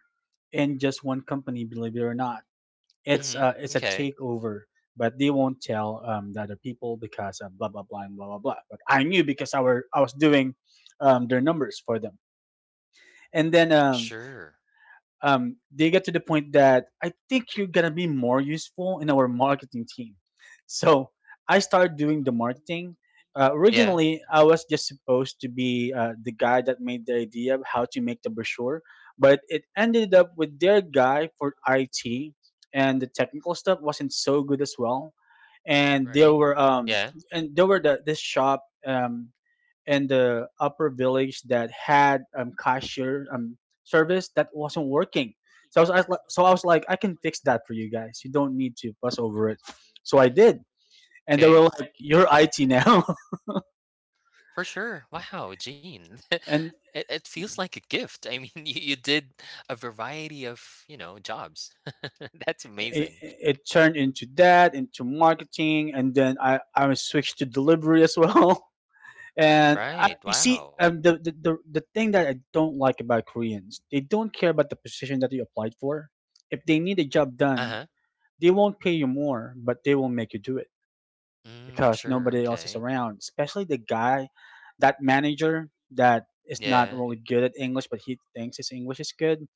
A: in just one company. Believe it or not, it's
B: Mhm.
A: uh, it's a
B: Okay.
A: takeover. But they won't tell um, the other people because of blah blah blah and blah blah blah. But I knew because I were I was doing um, their numbers for them and then um,
B: Sure.
A: um, they get to the point that I think you're gonna be more useful in our marketing team. So I started doing the marketing. Uh,
B: Yeah.
A: originally, I was just supposed to be uh, the guy that made the idea of how to make the brochure, but it ended up with their guy for I T, and the technical stuff wasn't so good as well. And there
B: Right.
A: were um,
B: Yeah.
A: and there were the this shop Um, in the upper village that had um cashier um service that wasn't working. So I was, I was li- so I was like, I can fix that for you guys. You don't need to fuss over it. So I
B: Mhm.
A: did, and they
B: Okay.
A: were like, "You're I T now."
B: For sure. Wow, Gene,
A: And
B: It, it feels like a gift. I mean, you, you did a variety of, you know, jobs. That's
A: it,
B: amazing.
A: it turned into that, into marketing, and then I I was switched to delivery as well. And I,
B: Right.
A: you see,
B: Wow.
A: um, the, the, the, the thing that I don't like about Koreans, they don't care about the position that you applied for. If they need a job done,
B: Uh-huh.
A: they won't pay you more, but they will make you do it
B: Mm,
A: because
B: sure.
A: nobody else is
B: Okay.
A: around. Especially the guy, that manager that is not
B: Yeah.
A: really good at English, but he thinks his English is good.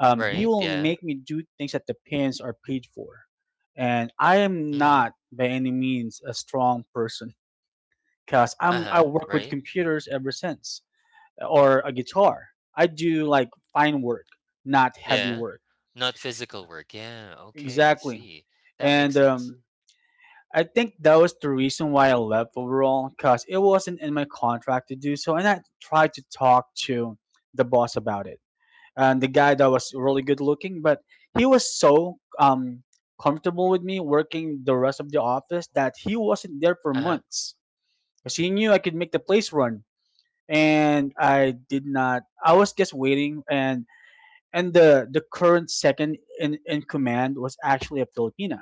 A: Um, he
B: Right.
A: will
B: Yeah.
A: make me do things that the pins are paid for, and I am
B: Mhm.
A: not by any means a strong person because I'm I
B: Uh-huh.
A: work with
B: Right.
A: computers ever since, or a guitar. I do like fine work, not heavy
B: Yeah.
A: work.
B: Not physical work. Yeah. Okay, I
A: Exactly,
B: see. That
A: and
B: makes sense.
A: um, I think that was the reason why I left overall, because it wasn't in my contract to do so. And I tried to talk to the boss about it. And the guy that was really good looking, but he was so um, comfortable with me working the rest of the office that he wasn't there for
B: Uh-huh.
A: months. Because he knew I could make the place run. And I did not, I was just waiting. And and the, the current second in, in command was actually a Filipino,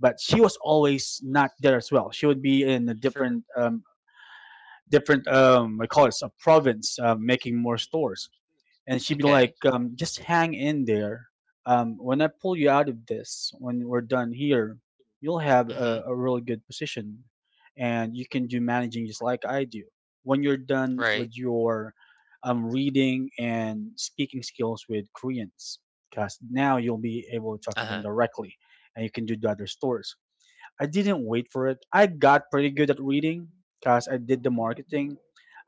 A: but she was always not there as well. She would be in a
B: Sure.
A: different, um, different, um, I call it a province, uh, making more stores, and she'd be
B: Okay.
A: like, um, "Just hang in there. Um, when I pull you out of this, when we're done here, you'll have
B: Mhm.
A: a, a really good position, and you can do managing just like I do. When you're done with
B: Right.
A: your um, reading and speaking skills with Koreans. Because now you'll be able to talk to them
B: Uh-huh.
A: directly, and you can do the other stores." I didn't wait for it. I got pretty good at reading because I did the marketing.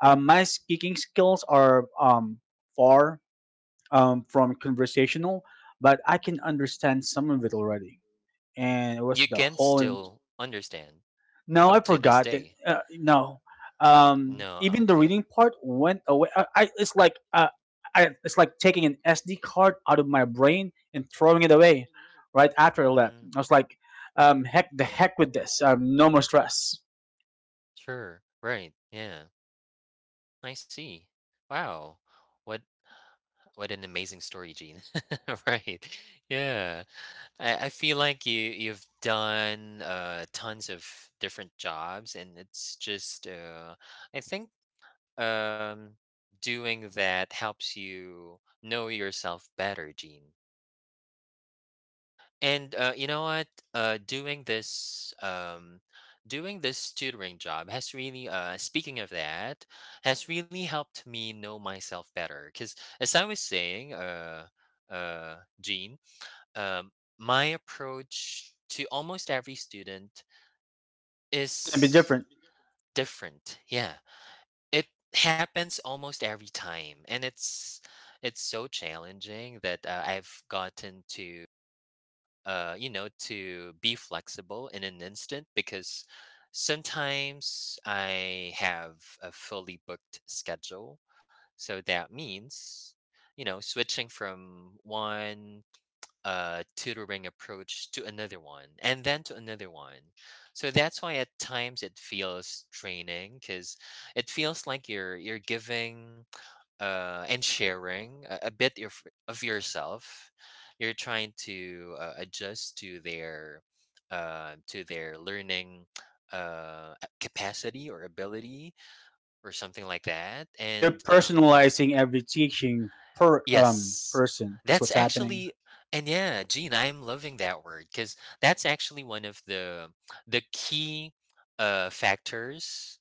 A: Um, my speaking skills are um, far um, from conversational, but I can understand some of it already. And it was
B: You
A: the
B: can
A: whole.
B: still understand
A: No, I
B: up to this
A: forgot it.
B: day.
A: Uh, no, um,
B: No,
A: even the
B: okay.
A: reading part went away. I, I It's like uh, I, it's like taking an S D card out of my brain and throwing it away right after I left.
B: Mm,
A: I was like, um, heck the heck with this. Um, no more stress.
B: sure, right, yeah, I see. Wow, what what an amazing story, Gene. Right, yeah. I I feel like you you've done, uh, tons of different jobs, and it's just, uh, I think, um, doing that helps you know yourself better, Gene. And, uh, you know what? Uh, doing this, um, doing this tutoring job has really, uh, speaking of that, has really helped me know myself better. Because as I was saying, uh, uh, Gene, um, my approach to almost every student
A: It's gonna be
B: is
A: different.
B: different. Yeah, it happens almost every time, and it's it's so challenging that uh, I've gotten to uh, you know, to be flexible in an instant, because sometimes I have a fully booked schedule. So that means, you know, switching from one uh, tutoring approach to another one and then to another one. So that's why at times it feels draining, because it feels like you're you're giving uh, and sharing a, a bit of, of yourself. You're trying to uh, adjust to their uh, to their learning uh, a- capacity or ability or something like that.
A: You're
B: And um,
A: personalizing every teaching per um
B: yes,
A: person is
B: that's
A: what's happening.
B: actually, and yeah, Gene, I'm loving that word, because that's actually one of the the key uh, factors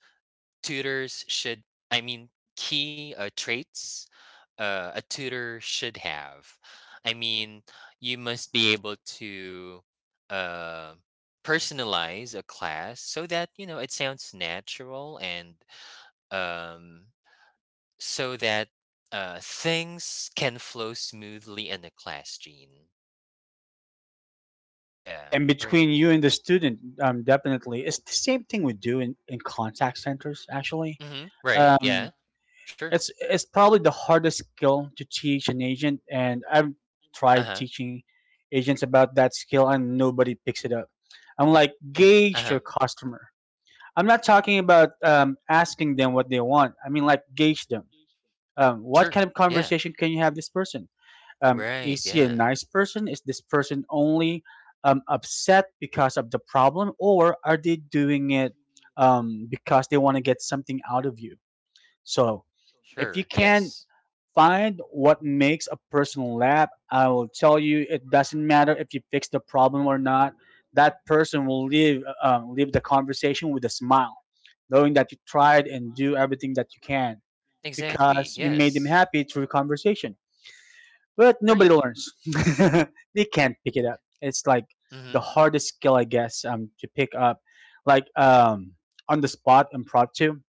B: tutors should, I mean, key uh, traits uh, a tutor should have. I mean, you must be able to uh, personalize a class, so that you know it sounds natural, and um, so that uh, things can flow smoothly in the class, Gene.
A: Yeah,
B: Yeah,
A: and between
B: right.
A: you and the student, um, definitely, it's the same thing we do in, in contact centers. Actually,
B: Hmm, right, yeah.
A: um,
B: Sure.
A: it's it's probably the hardest skill to teach an agent, and I've tried
B: Uh-huh.
A: teaching agents about that skill, and nobody picks it up. I'm like, gauge
B: Uh-huh.
A: your customer. I'm not talking about um, asking them what they want. I mean, like, gauge them. Um, what
B: Sure,
A: kind of
B: yeah.
A: conversation can you have this person? Um,
B: Right,
A: is he a
B: yeah.
A: nice person? Is this person only um, upset because of the problem, or are they doing it um, because they want to get something out of you? So, if
B: Sure,
A: you can
B: yes.
A: find what makes a person laugh, I will tell you it doesn't matter if you fix the problem or not. That person will leave um, leave the conversation with a smile, knowing that you tried and do everything that you can
B: Exactly,
A: because you made them
B: yes.
A: happy through conversation. But
B: Right.
A: nobody learns. They can't pick it up. It's like
B: Mhm.
A: the hardest skill, I guess, um, to pick up, like um, on the spot, impromptu.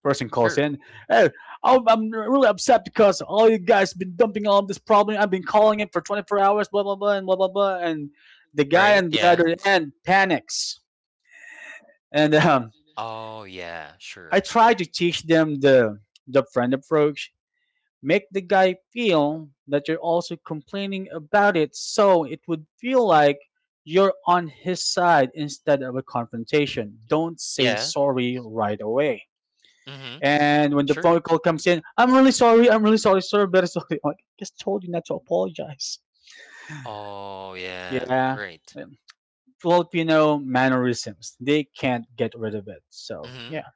A: Person calls
B: Sure.
A: in. Hey, I'm I'm really upset because all you guys been dumping all of this problem. I've been calling it for twenty-four hours, blah blah blah, and blah blah blah. And the guy
B: Right?
A: on the
B: Yeah.
A: other end panics. And um,
B: Oh, yeah, sure.
A: I try to teach them the the friend approach. Make the guy feel that you're also complaining about it so it would feel like you're on his side instead of a confrontation. Don't say
B: Yeah.
A: sorry right away.
B: Mhm.
A: And when the
B: Sure.
A: phone call comes in, I'm really sorry, I'm really sorry, sir, very sorry. I'm like, I just told you not to apologize.
B: Oh, yeah.
A: Yeah.
B: Right.
A: um, Filipino mannerisms. They can't get rid of it. So,
B: Mhm.
A: yeah.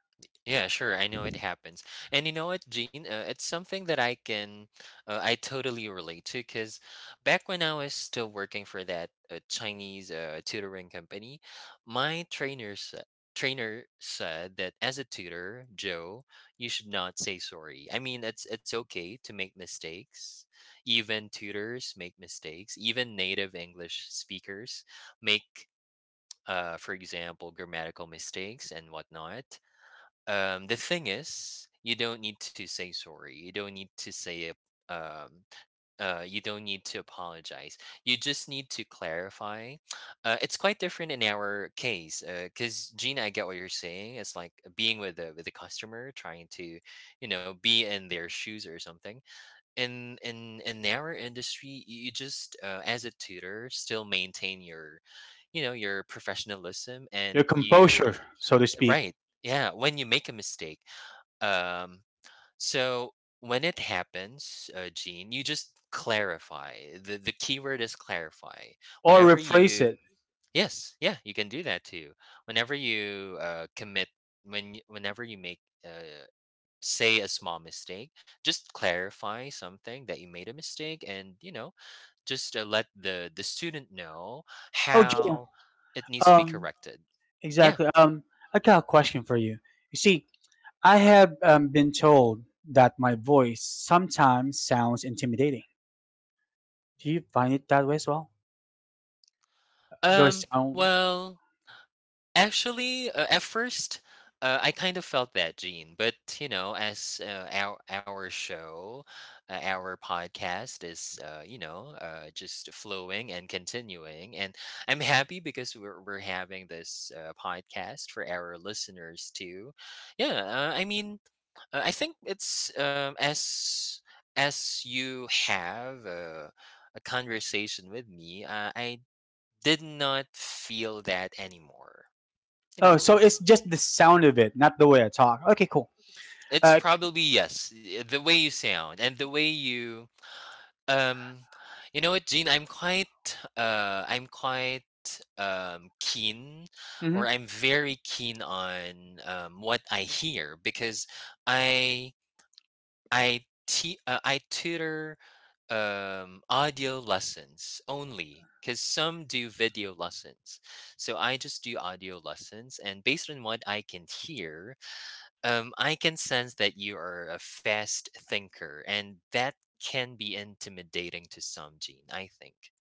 B: Yeah, sure. I know it happens. And you know what, Gene? Uh, it's something that I can, uh, I totally relate to, because back when I was still working for that uh, Chinese uh, tutoring company, my trainer, sa- trainer said that as a tutor, Joe, you should not say sorry. I mean, it's, it's okay to make mistakes. Even tutors make mistakes. Even native English speakers make, uh, for example, grammatical mistakes and whatnot. Um, the thing is, you don't need to say sorry. You don't need to say it. Um, uh, you don't need to apologize. You just need to clarify. Uh, it's quite different in our case, because Gina, I get what you're saying. It's like being with the with the customer, trying to, you know, be in their shoes or something. In in in our industry, you you just uh, as a tutor still maintain your, you know, your professionalism,
A: Your
B: and
A: composure,
B: you
A: so to speak,
B: right, yeah, when you make a mistake. um, so when it happens, uh, Gene, you just clarify. The the keyword is clarify.
A: or
B: Whenever
A: rephrase
B: you
A: it.
B: yes, yeah, you can do that too. Whenever you uh, commit, when y- whenever you make, uh, say a small mistake, just clarify something that you made a mistake, and you know, just uh, let the the student know
A: Oh, Joe.
B: how it needs to be
A: Um,
B: corrected. Yeah.
A: exactly. Um, I got a question for you. You see, I have um, been told that my voice sometimes sounds intimidating. Do you find it that way as well? Do I
B: Um.
A: sound?
B: Well. Actually, uh, at first, uh, I kind of felt that, Gene. But you know, as uh, our our show, uh, our podcast is, uh, you know, uh, just flowing and continuing, and I'm happy because we're we're having this uh, podcast for our listeners too. Yeah, uh, I mean, uh, I think it's um, as as you have a, a conversation with me, uh, I did not feel that anymore, you
A: Oh,
B: know.
A: so it's just the sound of it, not the way I talk. Okay, cool.
B: It's
A: Uh,
B: probably yes, eh, the way you sound and the way you um, you know what, Gene, I'm quite, uh, I'm quite, um, keen
A: mm-hmm.
B: or I'm very keen on, um, what I hear, because I I te uh, I tutor, um, audio lessons only because some do video lessons. So I just do audio lessons, and based on what I can hear um, I can sense that you are a fast thinker, and that can be intimidating to some, Gene, I think.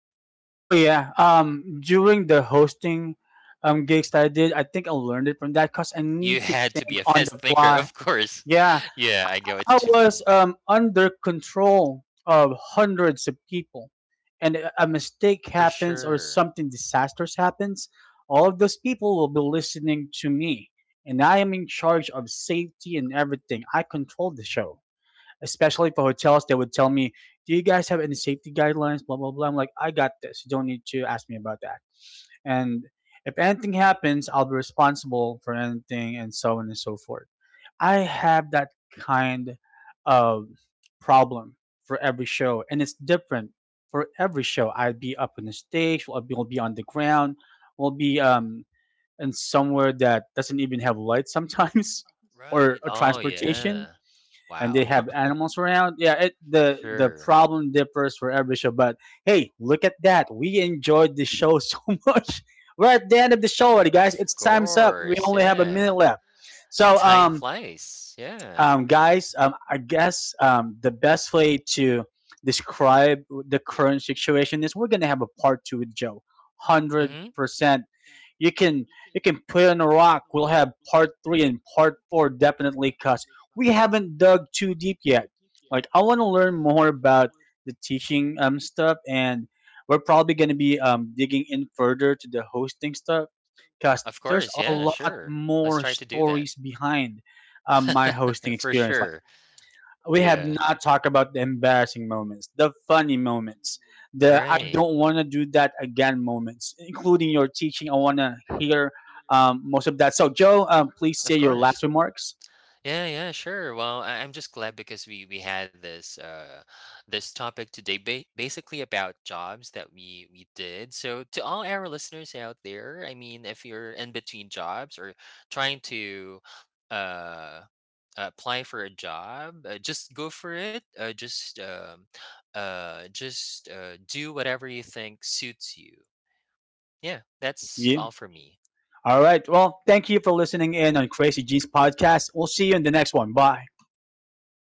A: Oh yeah. Um, during the hosting um gigs that I did, I think I learned it from that because I
B: You
A: need to
B: had to be
A: think
B: a
A: on the
B: fast thinker,
A: fly.
B: of course.
A: Yeah,
B: Yeah, I get what
A: I
B: you mean.
A: was um under control of hundreds of people, and a a mistake
B: For
A: happens or
B: sure.
A: something disastrous happens, all of those people will be listening to me, and I am in charge of safety and everything. I control the show, especially for hotels. They would tell me, "Do you guys have any safety guidelines?" Blah blah blah. I'm like, "I got this. You don't need to ask me about that." And if anything happens, I'll be responsible for anything, and so on and so forth. I have that kind of problem for every show, and it's different for every show. I'll be up on the stage, we'll be, we'll be on the ground, we'll be um, in somewhere that doesn't even have light sometimes, or,
B: Right.
A: or
B: Oh,
A: transportation,
B: yeah.
A: and they
B: Wow.
A: have animals around. Yeah, it, the the
B: Sure.
A: problem differs for every show. But hey, look at that! We enjoyed the show so much. We're at the end of the show already,
B: Of
A: guys. It's time's up. We
B: course.
A: only have a
B: Yeah.
A: minute left. So
B: Time
A: um,
B: flies. Yeah.
A: um, Guys, um, I guess um, the best way to describe the current situation is we're gonna have a part two with Joe. Hundred
B: Hmm.
A: percent. You can you can put on a rock. We'll have part three and part four definitely because we haven't dug too deep yet. Like I want to learn more about the teaching um stuff, and we're probably gonna be um digging in further to the hosting stuff, cause
B: Of
A: there's
B: course.
A: a
B: Yeah,
A: lot
B: sure. Let's
A: more
B: try to do that.
A: stories behind um, my hosting
B: For
A: experience. Like
B: sure.
A: we have
B: Yeah.
A: not talked about the embarrassing moments, the funny moments, the I
B: Right.
A: don't want to do that again moments, including your teaching. I want to hear um, most of that. So, Joe, um, please say
B: Of
A: your
B: course.
A: last remarks.
B: Yeah, yeah, sure. Well, I- I'm just glad because we we had this uh this topic today, ba basically about jobs that we we did. So to all our listeners out there, I mean, if you're in between jobs or trying to uh apply for a job, uh, just go for it. Uh, just um uh just uh do whatever you think suits you. Yeah, that's
A: Yeah.
B: all for me.
A: All right. Well, thank you for listening in on Crazy Jeans podcast. We'll see you in the next one. Bye.